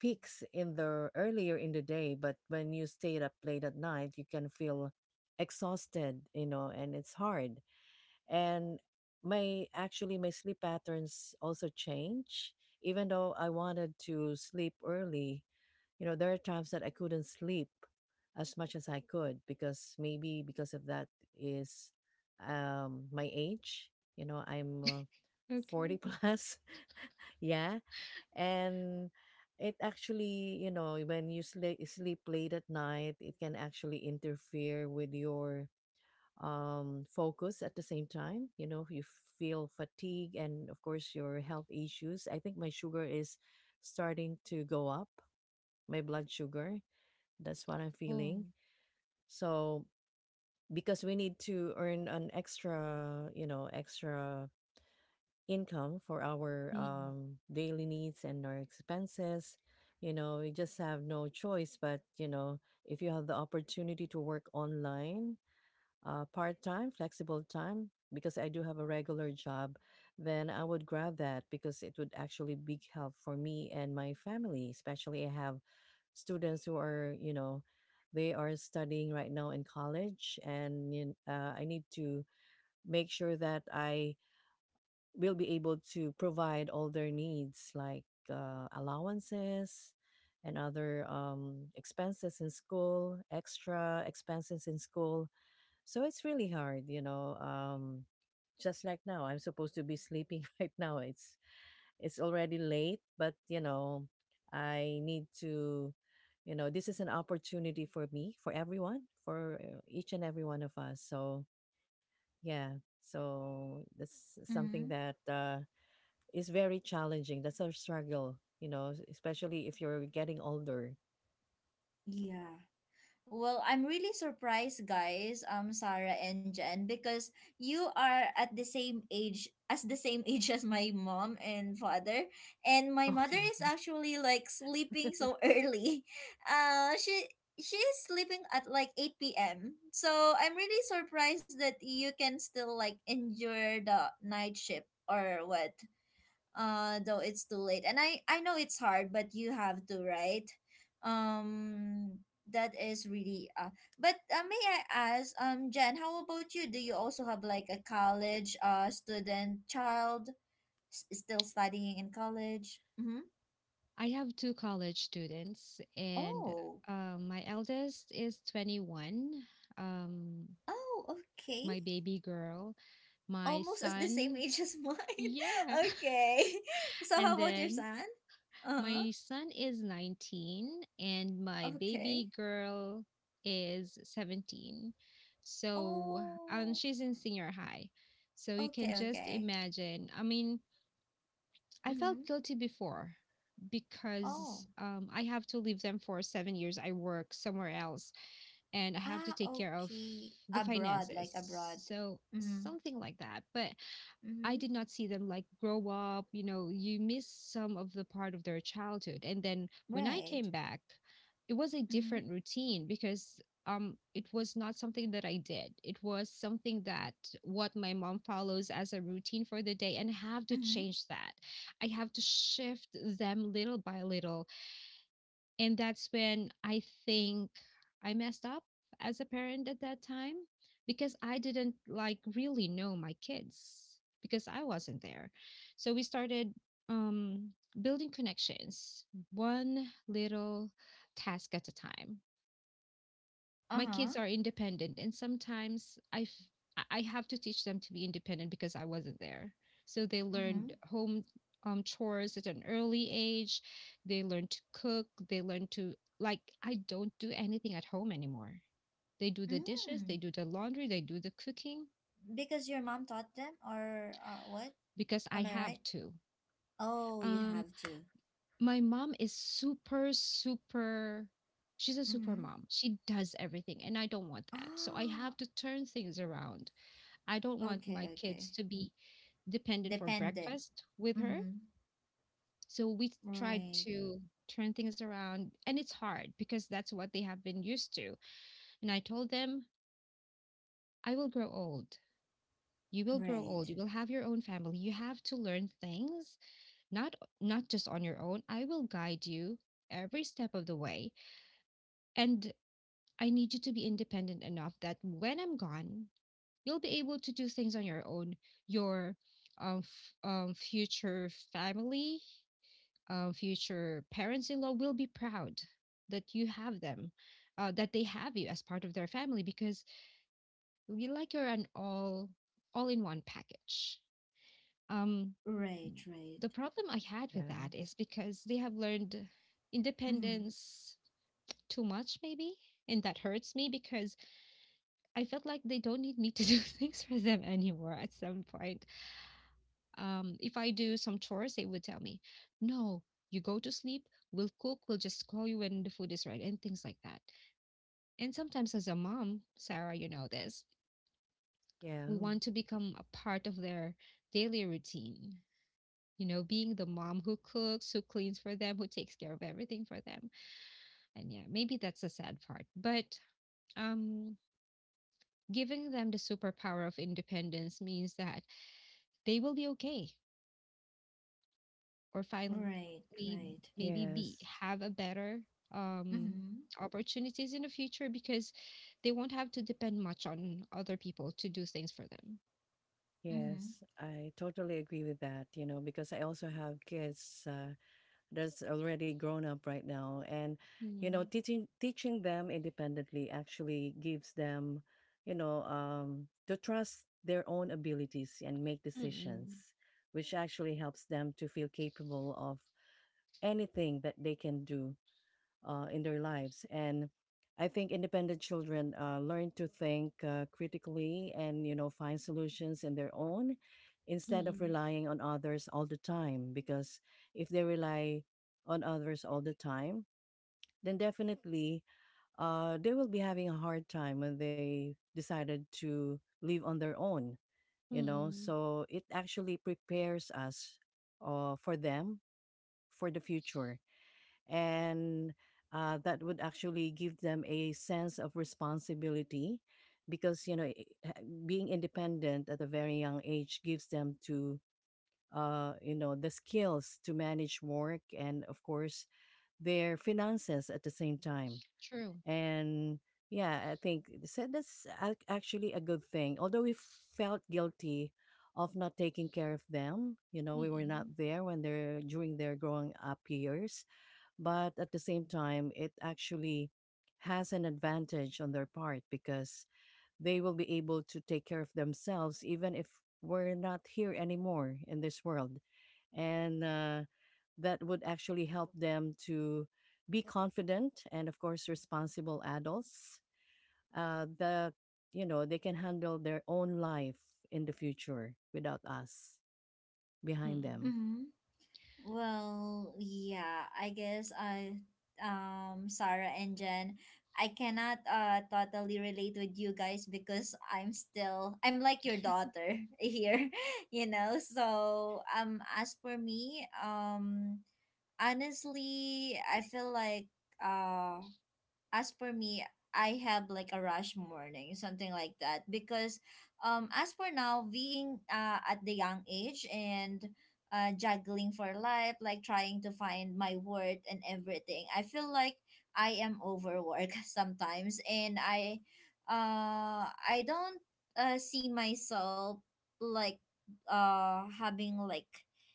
[SPEAKER 2] peaks in the earlier in the day, but when you stay up late at night, you can feel exhausted, you know, and it's hard. And my actually my sleep patterns also change, even though I wanted to sleep early, you know, there are times that I couldn't sleep as much as I could because maybe because of that is my age. You know, I'm 40
[SPEAKER 3] okay.
[SPEAKER 2] plus. Yeah. And it actually, you know, when you sleep late at night, it can actually interfere with your focus at the same time, you know, you feel fatigue and of course your health issues. I think my sugar is starting to go up, my blood sugar. That's what I'm
[SPEAKER 3] Oh.
[SPEAKER 2] feeling. So because we need to earn an extra, you know, extra income for our daily needs and our expenses, you know, we just have no choice. But you know, if you have the opportunity to work online, part time, flexible time, because I do have a regular job, then I would grab that because it would actually be help for me and my family. Especially, I have students who are, you know, they are studying right now in college, and I need to make sure that I will be able to provide all their needs, like allowances and other expenses in school, extra expenses in school, so it's really hard, you know. Just like now, I'm supposed to be sleeping right now. It's already late, but you know, I need to, you know, this is an opportunity for me, for everyone, for each and every one of us. So yeah, so that's something
[SPEAKER 1] Mm-hmm.
[SPEAKER 2] that is very challenging. That's our struggle, you know, especially if you're getting older.
[SPEAKER 1] Yeah. Well, I'm really surprised, guys, Sarah and Jen, because you are at the same age as the same age as my mom and father, and my mother
[SPEAKER 2] Okay.
[SPEAKER 1] is actually like sleeping so early. Uh, she she is sleeping at like 8 p.m. So I'm really surprised that you can still like endure the night shift or what, though it's too late. And I know it's hard, but you have to, right? um that is really but, may I ask, Jen, how about you? Do you also have like a college student child, still studying in college? Mm-hmm.
[SPEAKER 3] I have two college students, and
[SPEAKER 1] Oh.
[SPEAKER 3] my eldest is 21. Um,
[SPEAKER 1] Oh, okay.
[SPEAKER 3] my baby girl, my
[SPEAKER 1] Almost as the same
[SPEAKER 3] son,
[SPEAKER 1] age as mine.
[SPEAKER 3] yeah.
[SPEAKER 1] Okay. So
[SPEAKER 3] And
[SPEAKER 1] how about your
[SPEAKER 3] then
[SPEAKER 1] son? Uh-huh.
[SPEAKER 3] my son is 19, and my
[SPEAKER 1] Okay.
[SPEAKER 3] baby girl is 17. So,
[SPEAKER 1] Oh,
[SPEAKER 3] she's in senior high. So you
[SPEAKER 1] okay,
[SPEAKER 3] can just
[SPEAKER 1] okay.
[SPEAKER 3] imagine. I mean, I
[SPEAKER 1] Mm-hmm.
[SPEAKER 3] felt guilty before
[SPEAKER 1] Oh.
[SPEAKER 3] because I have to leave them for 7 years. I work somewhere else and I have to
[SPEAKER 1] Ah,
[SPEAKER 3] take care of
[SPEAKER 1] okay.
[SPEAKER 3] the
[SPEAKER 1] Abroad, like
[SPEAKER 3] finances.
[SPEAKER 1] abroad.
[SPEAKER 3] So,
[SPEAKER 1] Mm-hmm.
[SPEAKER 3] something like that. But I
[SPEAKER 1] Mm-hmm.
[SPEAKER 3] did not see them like grow up. You know, you miss some of the part of their childhood. And then when I
[SPEAKER 1] Right.
[SPEAKER 3] came back, it was a
[SPEAKER 1] Mm-hmm.
[SPEAKER 3] different routine because it was not something that I did. It was something that what my mom follows as a routine for the day and I have to
[SPEAKER 1] Mm-hmm.
[SPEAKER 3] change that. I have to shift them little by little, and that's when I think I messed up as a parent at that time because I didn't like really know my kids because I wasn't there. So we started um building connections one little task at a time. My
[SPEAKER 1] Uh-huh.
[SPEAKER 3] kids are independent, and sometimes I f- I have to teach them to be independent because I wasn't there, so they
[SPEAKER 1] Mm-hmm.
[SPEAKER 3] learned home chores at an early age. They learn to cook, they learn to, like, I don't do anything at home anymore. They do the dishes, they
[SPEAKER 1] Mm.
[SPEAKER 3] do the laundry, they do the cooking
[SPEAKER 1] Because your mom taught them or what?
[SPEAKER 3] because I
[SPEAKER 1] Am I
[SPEAKER 3] have
[SPEAKER 1] right?
[SPEAKER 3] to.
[SPEAKER 1] Oh, you
[SPEAKER 3] um
[SPEAKER 1] have to.
[SPEAKER 3] my mom is super. She's a super
[SPEAKER 1] Mm-hmm.
[SPEAKER 3] mom, she does everything, and I don't want that, so I have
[SPEAKER 1] Ah,
[SPEAKER 3] to turn things around. I don't want my
[SPEAKER 1] okay,
[SPEAKER 3] kids
[SPEAKER 1] okay.
[SPEAKER 3] to be dependent for
[SPEAKER 1] Dependent.
[SPEAKER 3] breakfast with her.
[SPEAKER 1] Mm-hmm.
[SPEAKER 3] So we tried
[SPEAKER 1] Right.
[SPEAKER 3] to turn things around, and it's hard because that's what they have been used to. And I told them, I will grow old. You will
[SPEAKER 1] Right.
[SPEAKER 3] grow old. You will have your own family. You have to learn things, not not just on your own. I will guide you every step of the way. And I need you to be independent enough that when I'm gone, you'll be able to do things on your own. Your future family, future parents-in-law will be proud that you have them that they have you as part of their family because you, like, you're an all in one package. um
[SPEAKER 1] Right, right.
[SPEAKER 3] the problem I had with
[SPEAKER 2] Yeah,
[SPEAKER 3] that is because they have learned
[SPEAKER 1] Mm-hmm.
[SPEAKER 3] independence too much maybe, and that hurts me because I felt like they don't need me to do things for them anymore at some point. If I do some chores, they would tell me, no, you go to sleep, we'll cook, we'll just call you when the food is right, and things like that. And sometimes, as a mom, Sarah, you know this,
[SPEAKER 2] yeah,
[SPEAKER 3] we want to become a part of their daily routine. You know, being the mom who cooks, who cleans for them, who takes care of everything for them. And yeah, maybe that's a sad part. But um, giving them the superpower of independence means that they will be okay or finally
[SPEAKER 1] Right, right.
[SPEAKER 3] maybe be
[SPEAKER 2] yes.
[SPEAKER 3] have a better um
[SPEAKER 1] Mm-hmm.
[SPEAKER 3] opportunities in the future because they won't have to depend much on other people to do things for them.
[SPEAKER 1] Mm-hmm.
[SPEAKER 2] Yes, I totally agree with that, you know, because I also have kids that's already grown up right now. And, you know,
[SPEAKER 3] Mm.
[SPEAKER 2] teaching them independently actually gives them, you know, to trust their own abilities and make
[SPEAKER 3] Mm-mm.
[SPEAKER 2] decisions, which actually helps them to feel capable of anything that they can do in their lives. And I think independent children learn to think critically and you know find solutions in their own instead of
[SPEAKER 3] Mm-mm.
[SPEAKER 2] relying on others all the time. Because if they rely on others all the time, then definitely they will be having a hard time when they decided to live on their own. You know,
[SPEAKER 3] Mm-mm.
[SPEAKER 2] so it actually prepares us for them for the future, and that would actually give them a sense of responsibility because you know being independent at a very young age gives them to, you know, the skills to manage work and of course their finances at the same time.
[SPEAKER 3] True.
[SPEAKER 2] And yeah, I think so that's actually a good thing, although we felt guilty of not taking care of them, you know, we were not
[SPEAKER 3] Mm-mm.
[SPEAKER 2] there when they're during their growing up years. But at the same time, it actually has an advantage on their part because they will be able to take care of themselves even if we're not here anymore in this world. And that would actually help them to be confident and, of course, responsible adults that, you know, they can handle their own life in the future without us behind
[SPEAKER 3] Mm-mm.
[SPEAKER 2] them.
[SPEAKER 1] Mm-hmm. Well, yeah, I guess, I Sarah and Jen, I cannot totally relate with you guys because I'm like your daughter here. So, as for me, honestly, I feel like uh as for me, I have like a rush morning, something like that. Because, as for now, being at the young age and juggling for life, like trying to find my worth and everything, I feel like I am overworked sometimes, I don't see myself like having like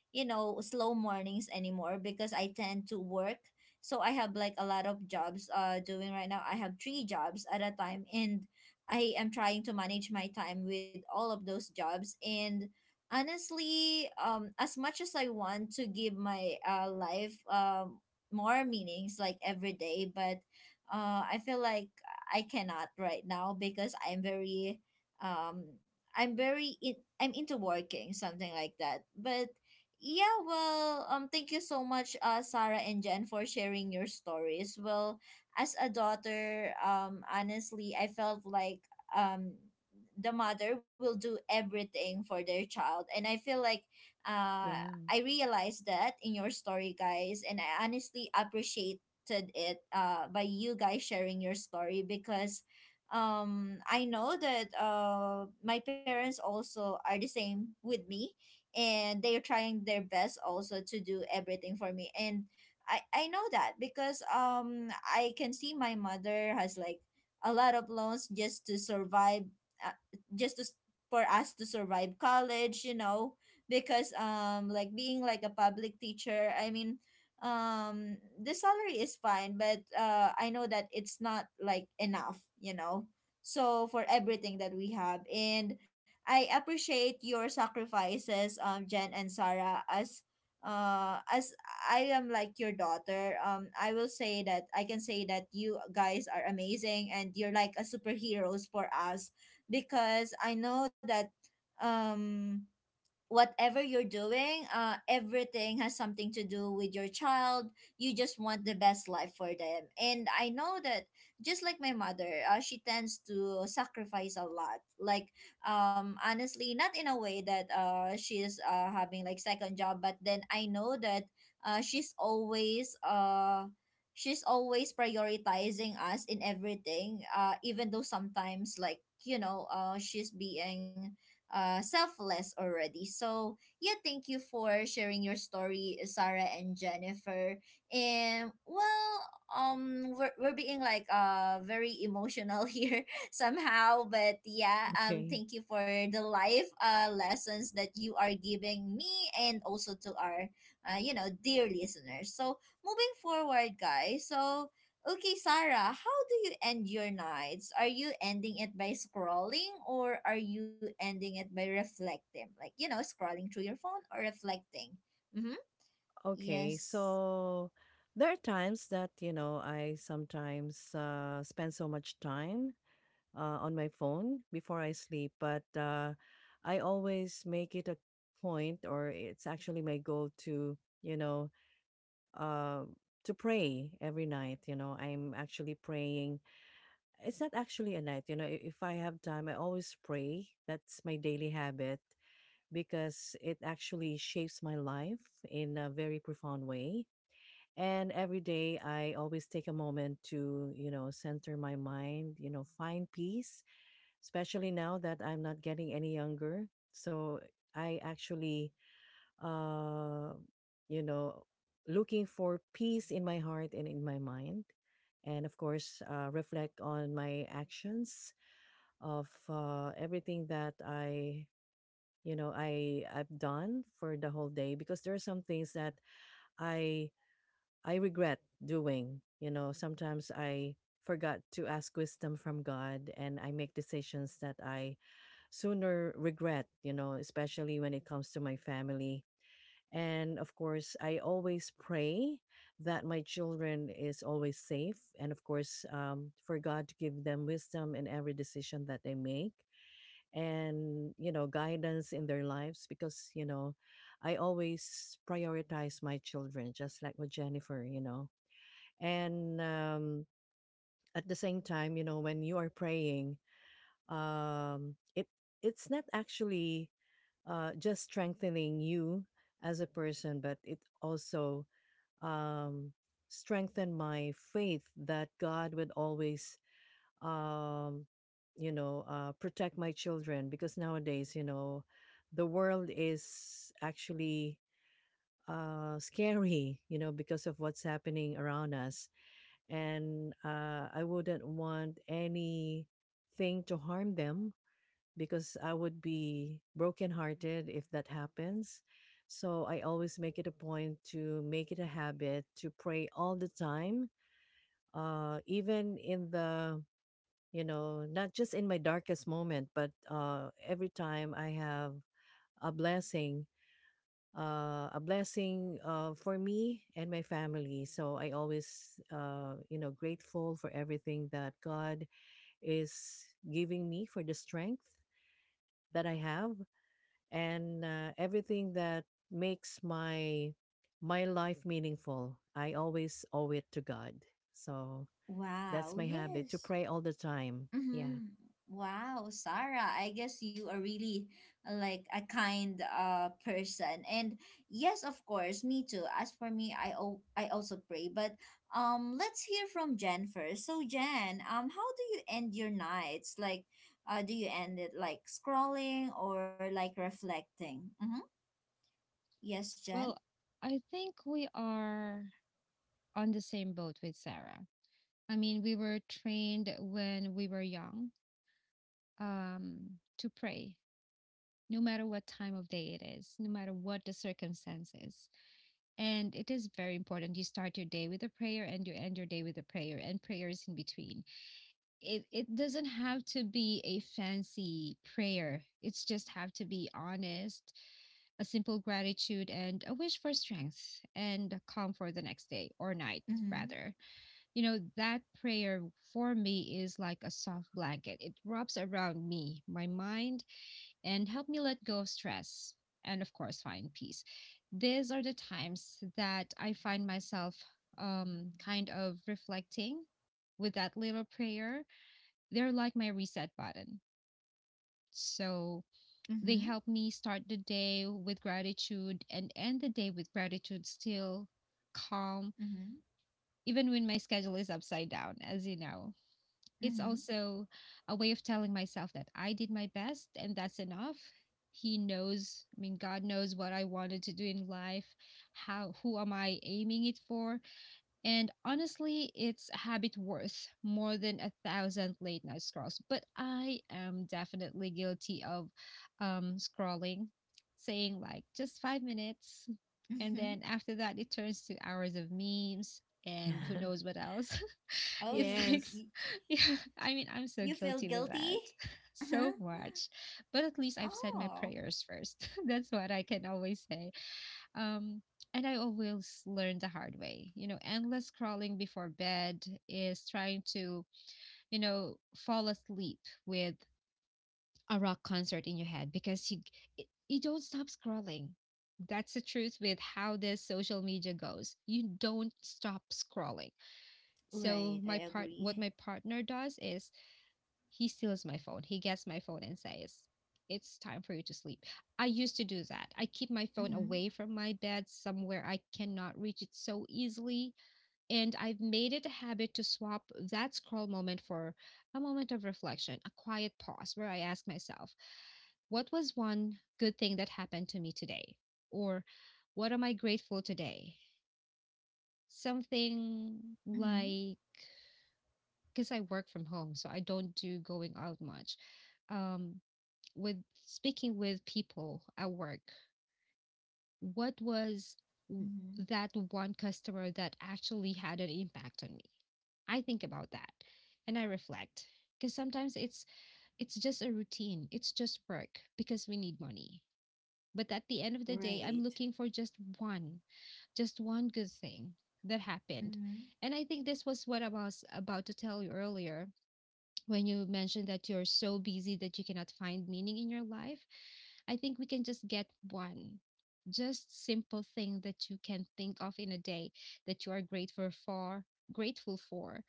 [SPEAKER 1] slow mornings anymore because I tend to work. So I have like a lot of jobs doing right now. I have three jobs at a time, and I am trying to manage my time with all of those jobs. And honestly, as much as I want to give my life more meanings like every day, but I feel like I cannot right now because I'm very, um i'm very in, I'm into working, something like that. But yeah, well, thank you so much, Sarah and Jen, for sharing your stories. Well, as a daughter, honestly, I felt like um, the mother will do everything for their child, and I feel like, uh,
[SPEAKER 2] Yeah.
[SPEAKER 1] I realized that in your story, guys, and I honestly appreciated it, by you guys sharing your story. Because, I know that my parents also are the same with me, and they are trying their best also to do everything for me. And I know that because I can see my mother has like a lot of loans just to survive, uh, just to, s- for us to survive college, you know, because like being like a public teacher, I mean, the salary is fine, but I know that it's not like enough, you know, so for everything that we have. And I appreciate your sacrifices, Jen and Sarah, as uh as I am like your daughter. I will say that I can say that you guys are amazing and you're like a superheroes for us, because I know that um whatever you're doing, everything has something to do with your child. You just want the best life for them. And I know that, just like my mother, she tends to sacrifice a lot. Like, honestly, not in a way that she is having like second job, but then I know that uh, she's always uh, she's always prioritizing us in everything. Even though sometimes like she's being selfless already. So, yeah, thank you for sharing your story, Sarah and Jennifer. And, well, we're being like very emotional here somehow. But, yeah,
[SPEAKER 2] Okay.
[SPEAKER 1] thank you for the life lessons that you are giving me, and also to our, dear listeners. So, moving forward, guys, so okay, Sarah, how do you end your nights? Are you ending it by scrolling, or are you ending it by reflecting? Like, you know, scrolling through your phone or reflecting? Mm-hmm.
[SPEAKER 2] Okay,
[SPEAKER 1] Yes.
[SPEAKER 2] so there are times that, you know, I sometimes spend so much time on my phone before I sleep, but I always make it a point, or it's actually my goal to, you know, uh, to pray every night. You know, I'm actually praying. It's not actually a night, you know, if I have time, I always pray. That's my daily habit because it actually shapes my life in a very profound way, and every day I always take a moment to, you know, center my mind, you know, find peace, especially now that I'm not getting any younger. So I actually, uh, you know, looking for peace in my heart and in my mind. And of course, reflect on my actions of everything that you know, I've done for the whole day because there are some things that I I regret doing. You know, sometimes I forgot to ask wisdom from God and I make decisions that I sooner regret, you know, especially when it comes to my family. And of course, I always pray that my children is always safe, and of course for God to give them wisdom in every decision that they make and you know guidance in their lives because you know I always prioritize my children, just like with Jennifer, you know, and at the same time you know when you are praying, it it's not actually just strengthening you as a person but it also um, strengthened my faith that God would always, um, you know, protect my children because nowadays you know the world is actually scary you know because of what's happening around us, and I wouldn't want anything to harm them because I would be brokenhearted if that happens. So I always make it a point to make it a habit to pray all the time, even in the, you know, not just in my darkest moment, but every time I have a blessing, for me and my family. So I always, you know, grateful for everything that God is giving me for the strength that I have and everything that makes my life meaningful. I always owe it to God. So that's
[SPEAKER 1] Wow,
[SPEAKER 2] my habit to
[SPEAKER 1] yes.
[SPEAKER 2] pray all the time. Yeah.
[SPEAKER 1] Mm-hmm. Wow, Sarah, I guess you are really like a kind person. And yes, of course, me too. As for me, I also pray. But let's hear from Jen first. So Jen, how do you end your nights? Like, do you end it like scrolling or like reflecting? Mm-hmm. Yes, Jen.
[SPEAKER 3] Well, I think we are on the same boat with Sarah. I mean, we were trained when we were young um, to pray, no matter what time of day it is, no matter what the circumstances. And it is very important. You start your day with a prayer and you end your day with a prayer and prayers in between. It doesn't have to be a fancy prayer. It's just have to be honest, a simple gratitude and a wish for strength and calm for the next day or night
[SPEAKER 1] Mm-hmm.
[SPEAKER 3] rather. You know, that prayer for me is like a soft blanket. It wraps around me, my mind, and help me let go of stress and, of course, find peace. These are the times that I find myself kind of reflecting with that little prayer. They're like my reset button. So
[SPEAKER 1] Mm-hmm.
[SPEAKER 3] they help me start the day with gratitude and end the day with gratitude still calm,
[SPEAKER 1] Mm-hmm.
[SPEAKER 3] even when my schedule is upside down, as you know. It's
[SPEAKER 1] Mm-hmm.
[SPEAKER 3] also a way of telling myself that I did my best and that's enough. He knows, I mean, God knows what I wanted to do in life, how who am I aiming it for? And honestly, it's habit worth more than a thousand late night scrolls. But I am definitely guilty of scrolling, saying like just 5 minutes. And
[SPEAKER 1] Mm-hmm.
[SPEAKER 3] then after that, it turns to hours of memes and who knows what else.
[SPEAKER 1] Oh,
[SPEAKER 3] It's like,
[SPEAKER 2] Yes.
[SPEAKER 3] yeah, I mean, I'm so
[SPEAKER 1] you feel
[SPEAKER 3] guilty with
[SPEAKER 1] guilty?
[SPEAKER 3] that so
[SPEAKER 1] Uh-huh.
[SPEAKER 3] much. But at least I've said my
[SPEAKER 1] Oh.
[SPEAKER 3] prayers first. That's what I can always say. Um, and I always learn the hard way. You know, endless scrolling before bed is trying to, you know, fall asleep with a rock concert in your head because you don't stop scrolling. That's the truth with how this social media goes. You don't stop scrolling.
[SPEAKER 1] Right,
[SPEAKER 3] So
[SPEAKER 1] I
[SPEAKER 3] my part
[SPEAKER 1] agree.
[SPEAKER 3] what my partner does is he steals my phone. He gets my phone and says, it's time for you to sleep. I used to do that. I keep my phone
[SPEAKER 1] Mhm.
[SPEAKER 3] away from my bed somewhere I cannot reach it so easily. And I've made it a habit to swap that scroll moment for a moment of reflection, a quiet pause where I ask myself, what was one good thing that happened to me today? Or what am I grateful today? Something
[SPEAKER 1] Mhm.
[SPEAKER 3] like, because I work from home, so I don't do going out much. Um, with speaking with people at work, what was
[SPEAKER 1] Mhm.
[SPEAKER 3] that one customer that actually had an impact on me? I think about that and I reflect because sometimes it's just a routine. It's just work because we need money. But at the end of the day, I'm
[SPEAKER 1] Right.
[SPEAKER 3] looking for just one good thing that happened.
[SPEAKER 1] Mhm.
[SPEAKER 3] And I think this was what I was about to tell you earlier when you mentioned that you're so busy that you cannot find meaning in your life, I think we can just get one just simple thing that you can think of in a day that you are grateful for,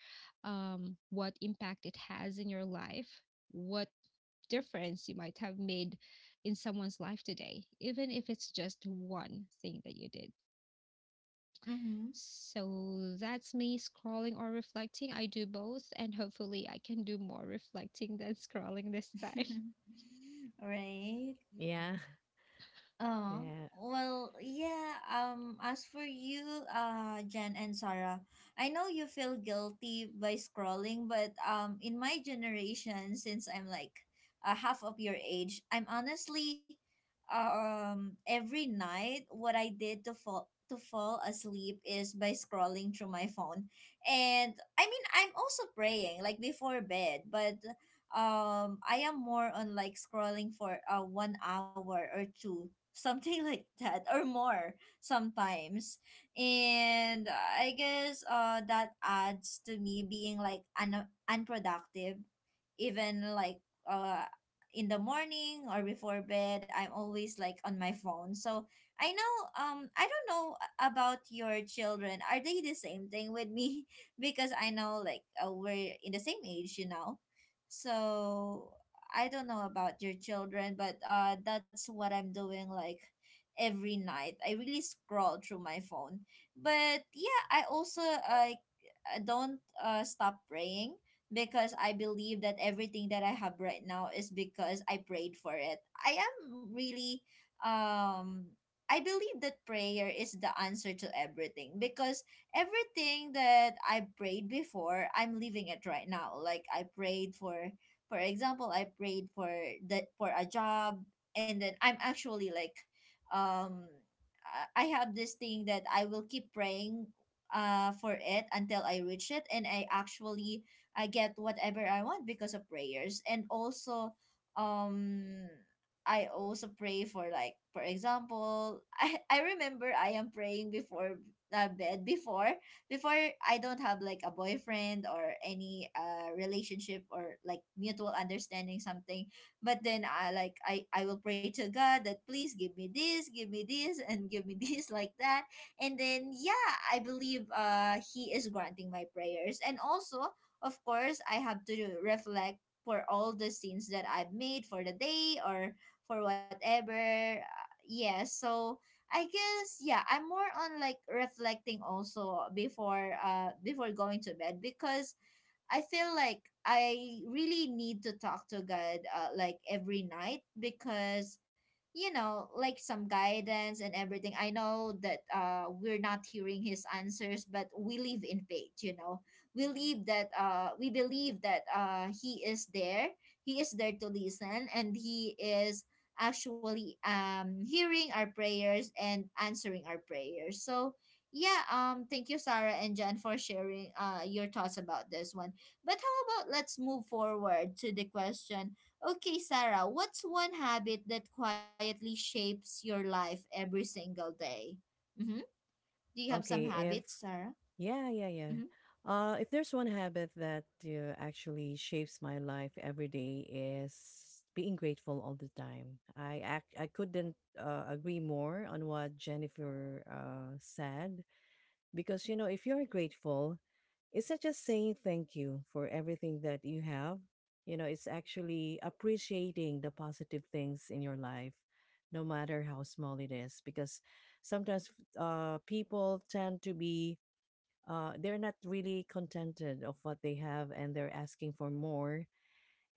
[SPEAKER 3] what impact it has in your life, what difference you might have made in someone's life today even if it's just one thing that you did.
[SPEAKER 1] Mhm.
[SPEAKER 3] So that's me scrolling or reflecting. I do both, and hopefully, I can do more reflecting than scrolling this time.
[SPEAKER 1] Right.
[SPEAKER 2] Yeah.
[SPEAKER 1] Oh,
[SPEAKER 2] Yeah.
[SPEAKER 1] well, yeah. As for you, Jen and Sarah, I know you feel guilty by scrolling, but in my generation, since I'm like, half of your age, I'm honestly, every night what I did to fall asleep is by scrolling through my phone. And I mean, I'm also praying like before bed, but I am more on like scrolling for 1 hour or two, something like that, or more sometimes. And I guess that adds to me being like unproductive. Even like, uh in the morning or before bed, I'm always like on my phone. So I know, I don't know about your children, are they the same thing with me? Because I know like, we're in the same age, you know. So I don't know about your children, but that's what I'm doing like every night. I really scroll through my phone. But yeah, I also like, I don't stop praying, because I believe that everything that I have right now is because I prayed for it. I am really, um I believe that prayer is the answer to everything, because everything that I prayed before, I'm living it right now. Like I prayed for, I prayed for the for a job, and then I'm actually like, um, I have this thing that I will keep praying, for it until I reach it. And I actually, I get whatever I want because of prayers. And also, um, I also pray for, like, for example, I remember I am praying before, bed before before I don't have like a boyfriend or any relationship or like mutual understanding, something. But then I like I will pray to God that, please give me this, and give me this, like that. And then yeah, I believe He is granting my prayers. And also, of course, I have to reflect for all the scenes that I've made for the day or for whatever. Yeah, so I guess, yeah, I'm more on like reflecting also before, before going to bed, because I feel like I really need to talk to God, like every night, because, you know, like some guidance and everything. I know that we're not hearing his answers, but we live in faith, you know. We live that, we believe that he is there, he is there to listen, and he is actually hearing our prayers and answering our prayers. So yeah, thank you, Sarah and Jen, for sharing your thoughts about this one. But how about let's move forward to the question. Okay, Sarah, what's one habit that quietly shapes your life every single day? Mm-hmm. Do you have some
[SPEAKER 2] Okay. If
[SPEAKER 1] habits, Sarah?
[SPEAKER 2] Yeah, yeah, yeah.
[SPEAKER 1] Mm-hmm.
[SPEAKER 2] If there's one habit that actually shapes my life every day is being grateful all the time. I couldn't agree more on what Jennifer said because you know if you're grateful, it's not just saying thank you for everything that you have. You know, it's actually appreciating the positive things in your life, no matter how small it is. Because sometimes uh, people tend to be they're not really contented of what they have and they're asking for more,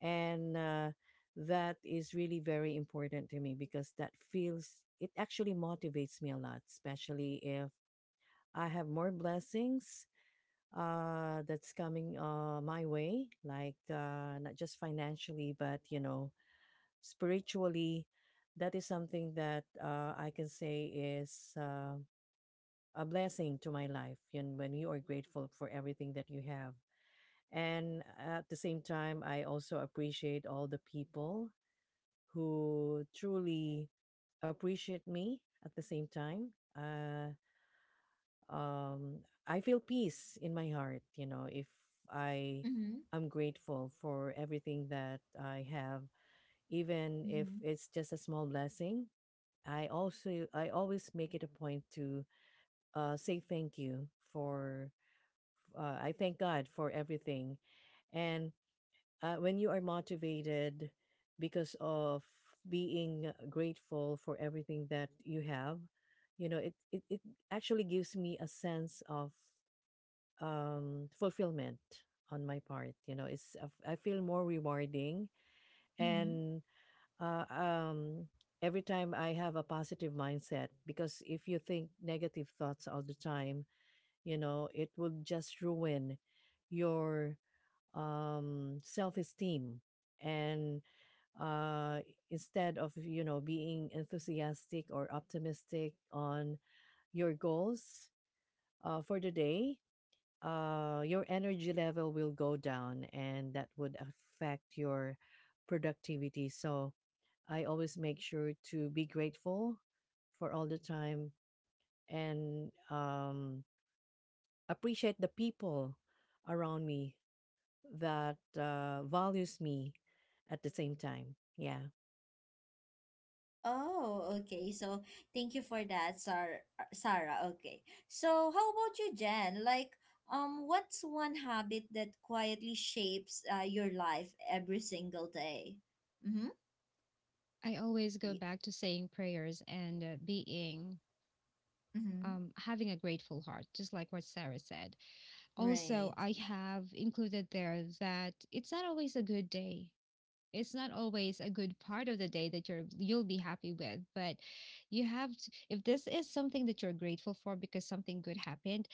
[SPEAKER 2] and that is really very important to me because that feels it actually motivates me a lot especially if I have more blessings that's coming my way like not just financially but you know spiritually, that is something that I can say is a blessing to my life, and when you are grateful for everything that you have and at the same time, I also appreciate all the people who truly appreciate me at the same time. Uh, um, I feel peace in my heart, you know, if I
[SPEAKER 1] Mm-hmm.
[SPEAKER 2] am grateful for everything that I have, even if
[SPEAKER 1] Mm-hmm.
[SPEAKER 2] it's just a small blessing. I also, I always make it a point to say thank you for, I thank God for everything. And when you are motivated because of being grateful for everything that you have, you know it actually gives me a sense of fulfillment on my part, you know it's I feel more rewarding.
[SPEAKER 1] Mm-hmm.
[SPEAKER 2] And uh, um, every time I have a positive mindset, because if you think negative thoughts all the time, you know it will just ruin your self-esteem, and uh, instead of you know being enthusiastic or optimistic on your goals for the day, your energy level will go down and that would affect your productivity. So I always make sure to be grateful for all the time and appreciate the people around me that values me at the same time. Yeah,
[SPEAKER 1] Oh, okay. So thank you for that, Sarah. Okay. So how about you, Jen? Like, what's one habit that quietly shapes your life every single day? Mm-hmm.
[SPEAKER 3] I always go back to saying prayers and being.
[SPEAKER 1] Mm-hmm.
[SPEAKER 3] Having a grateful heart, just like what Sarah said. Also,
[SPEAKER 1] Right.
[SPEAKER 3] I have included there that it's not always a good day. It's not always a good part of the day that you'll be happy with, but you have to, if this is something that you're grateful for because something good happened,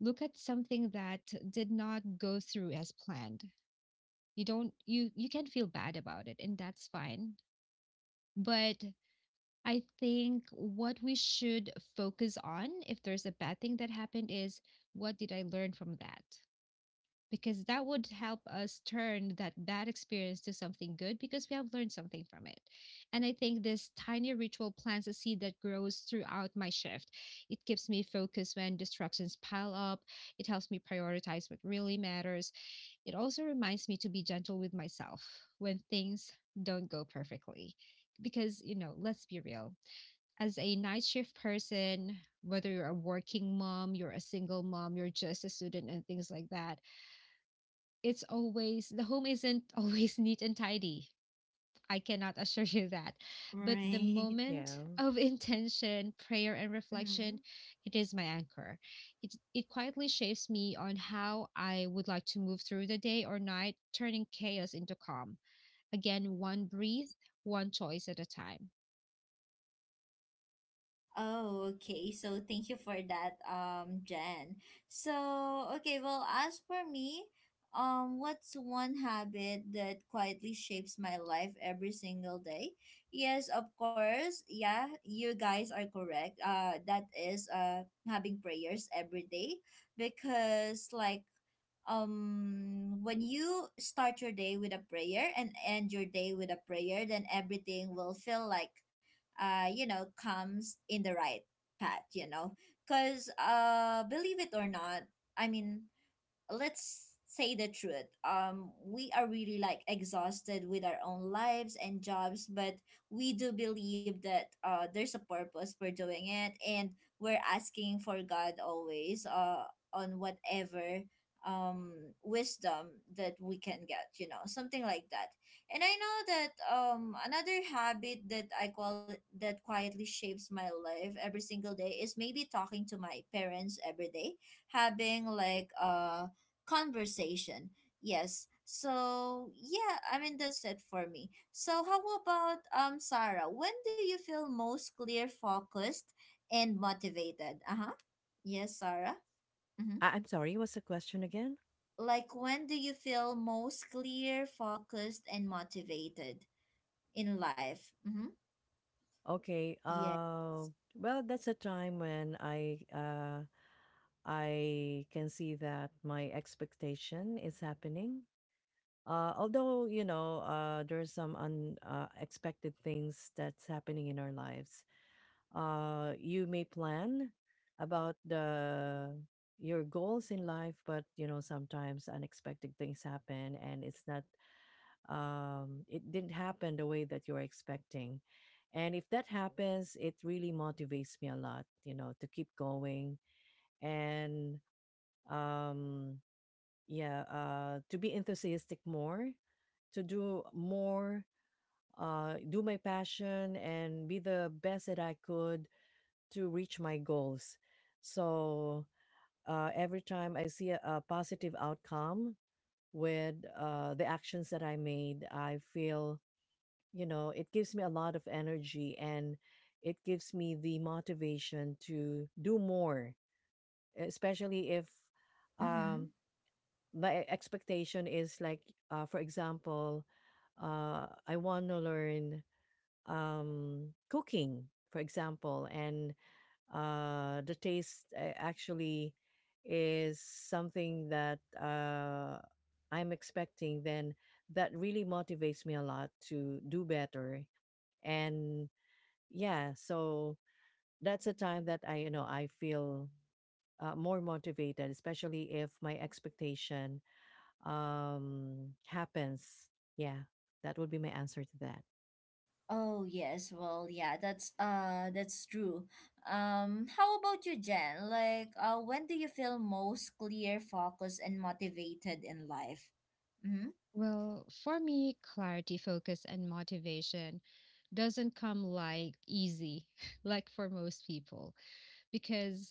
[SPEAKER 3] look at something that did not go through as planned. You don't, you can feel bad about it and that's fine, but I think what we should focus on if there's a bad thing that happened is, what did I learn from that? Because that would help us turn that bad experience to something good because we have learned something from it. And I think this tiny ritual plants a seed that grows throughout my shift. It keeps me focused when distractions pile up, it helps me prioritize what really matters. It also reminds me to be gentle with myself when things don't go perfectly. Because, you know, let's be real, as a night shift person, whether you're a working mom, you're a single mom, you're just a student, and things like that, it's always the home isn't always neat and tidy. I cannot assure you that. But the
[SPEAKER 1] Right.
[SPEAKER 3] moment
[SPEAKER 2] yeah.
[SPEAKER 3] of intention, prayer, and
[SPEAKER 1] Mm-hmm.
[SPEAKER 3] reflection, it is my anchor. It quietly shapes me on how I would like to move through the day or night, turning chaos into calm. Again, one breath, one choice at a time.
[SPEAKER 1] Oh, okay. So thank you for that, Jen. So, okay, well, as for me, what's one habit that quietly shapes my life every single day? Yes, of course. Yeah, you guys are correct. That is having prayers every day, because like, when you start your day with a prayer and end your day with a prayer, then everything will feel like, you know, comes in the right path, you know. Because believe it or not, I mean, let's say the truth, we are really like exhausted with our own lives and jobs. But we do believe that there's a purpose for doing it. And we're asking for God always, on whatever um wisdom that we can get, you know, something like that. And I know that, another habit that I call that quietly shapes my life every single day is maybe talking to my parents every day, having like conversation. Yes. So yeah, I mean, that's it for me. So how about, Sarah? When do you feel most clear, focused, and motivated? Uh huh. Yes, Sarah. Mm-hmm.
[SPEAKER 2] I- I'm sorry, what's the question again?
[SPEAKER 1] Like, when do you feel most clear, focused, and motivated in life? Mm-hmm.
[SPEAKER 2] Okay.
[SPEAKER 1] Yeah.
[SPEAKER 2] Well, that's a time when I, I can see that my expectation is happening. Although you know there are some unexpected things that's happening in our lives. You may plan about the your goals in life, but you know sometimes unexpected things happen, and it's not it didn't happen the way that you were expecting. And if that happens, it really motivates me a lot, you know, to keep going and um, yeah, to be enthusiastic more, to do more, do my passion and be the best that I could to reach my goals. So every time I see a positive outcome with the actions that I made, I feel, you know, it gives me a lot of energy and it gives me the motivation to do more, especially if
[SPEAKER 1] Mm-hmm.
[SPEAKER 2] um my expectation is like for example I want to learn cooking for example, and the taste actually is something that I'm expecting. Then that really motivates me a lot to do better. And yeah, so that's a time that I, you know, I feel more motivated, especially if my expectation happens. Yeah, that would be my answer to that.
[SPEAKER 1] Oh yes, well yeah, that's true. How about you, Jen? Like, when do you feel most clear, focused, and motivated in life? Mm-hmm.
[SPEAKER 3] Well, for me, clarity, focus, and motivation doesn't come like easy, like for most people, because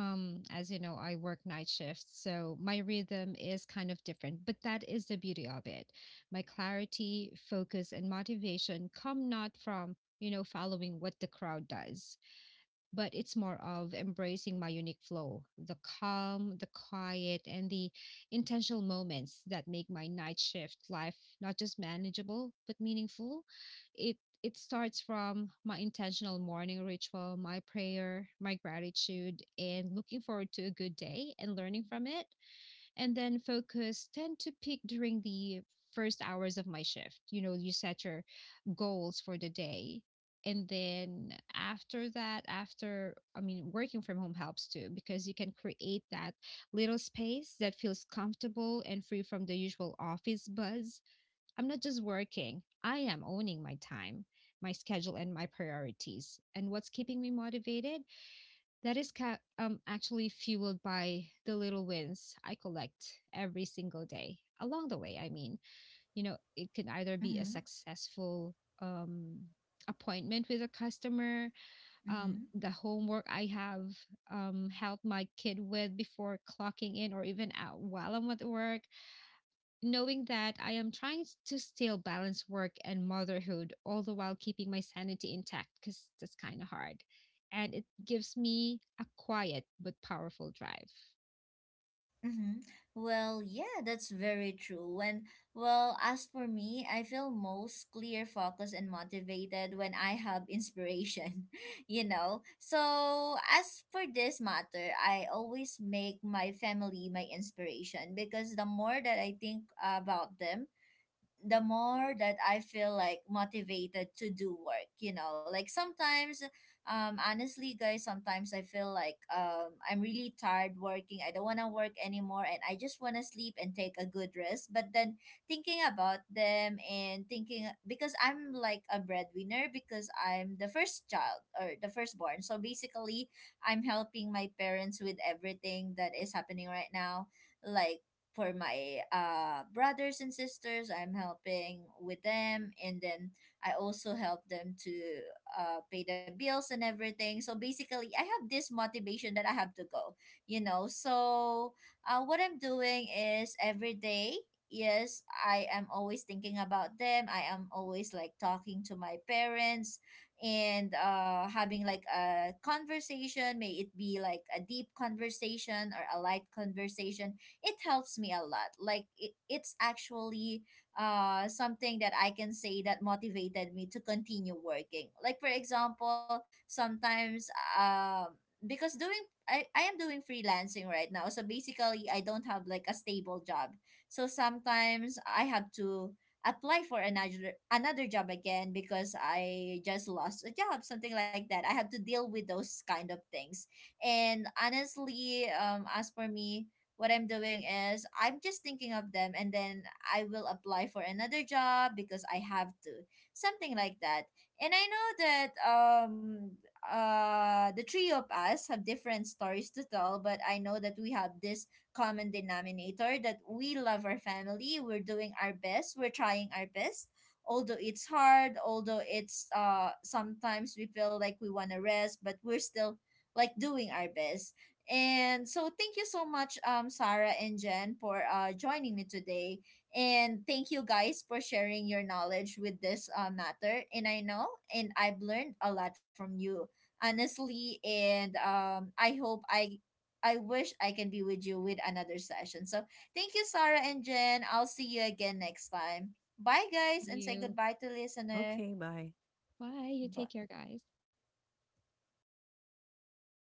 [SPEAKER 3] as you know I work night shifts, so my rhythm is kind of different, but that is the beauty of it. My clarity, focus, and motivation come not from, you know, following what the crowd does, but it's more of embracing my unique flow, the calm, the quiet, and the intentional moments that make my night shift life not just manageable but meaningful. It it starts from my intentional morning ritual, my prayer, my gratitude, and looking forward to a good day and learning from it. And then focus tend to peak during the first hours of my shift. You know, you set your goals for the day. And then after that, after, I mean, working from home helps too, because you can create that little space that feels comfortable and free from the usual office buzz. I'm not just working, I am owning my time, my schedule, and my priorities. And what's keeping me motivated? That is actually fueled by the little wins I collect every single day. Along the way, I mean, you know, it can either be a
[SPEAKER 1] Mm-hmm.
[SPEAKER 3] successful um, appointment with a customer,
[SPEAKER 1] Mm-hmm.
[SPEAKER 3] the homework I have helped my kid with before clocking in or even out while I'm at work, knowing that I am trying to still balance work and motherhood, all the while keeping my sanity intact, because that's kind of hard. And it gives me a quiet but powerful drive.
[SPEAKER 1] Mm-hmm. Well, yeah, that's very true. And well, as for me, I feel most clear, focused, and motivated when I have inspiration, you know. So, as for this matter, I always make my family my inspiration, because the more that I think about them, the more that I feel like motivated to do work, you know, like sometimes, honestly, guys, sometimes I feel like, I'm really tired working. I don't want to work anymore, and I just want to sleep and take a good rest. But then thinking about them and thinking, because I'm like a breadwinner, because I'm the first child or the firstborn. So basically, I'm helping my parents with everything that is happening right now, like for my brothers and sisters, I'm helping with them. And then I also help them to pay the bills and everything. So basically, I have this motivation that I have to go, you know. So what I'm doing is every day, yes, I am always thinking about them, I am always like talking to my parents and having like a conversation, may it be like a deep conversation or a light conversation. It helps me a lot. Like, it's actually something that I can say that motivated me to continue working. Like for example, sometimes, um because I am doing freelancing right now, so basically I don't have like a stable job. So sometimes I have to apply for another job again, because I just lost a job, something like that. I have to deal with those kind of things. And honestly, as for me, what I'm doing is I'm just thinking of them, and then I will apply for another job, because I have to. Something like that. And I know that, the three of us have different stories to tell, but I know that we have this common denominator that we love our family, we're doing our best, we're trying our best. Although it's hard, although it's sometimes we feel like we want to rest, but we're still like doing our best. And so thank you so much, Sarah and Jen, for joining me today. And thank you guys for sharing your knowledge with this matter. And I know, and I've learned a lot from you, honestly. And I hope I wish I can be with you with another session. So thank you, Sarah and Jen. I'll see you again next time. Bye, guys,
[SPEAKER 3] See
[SPEAKER 1] and say
[SPEAKER 3] you.
[SPEAKER 1] goodbye to listener.
[SPEAKER 2] Okay, bye.
[SPEAKER 3] Bye. You
[SPEAKER 1] Bye.
[SPEAKER 3] take care, guys.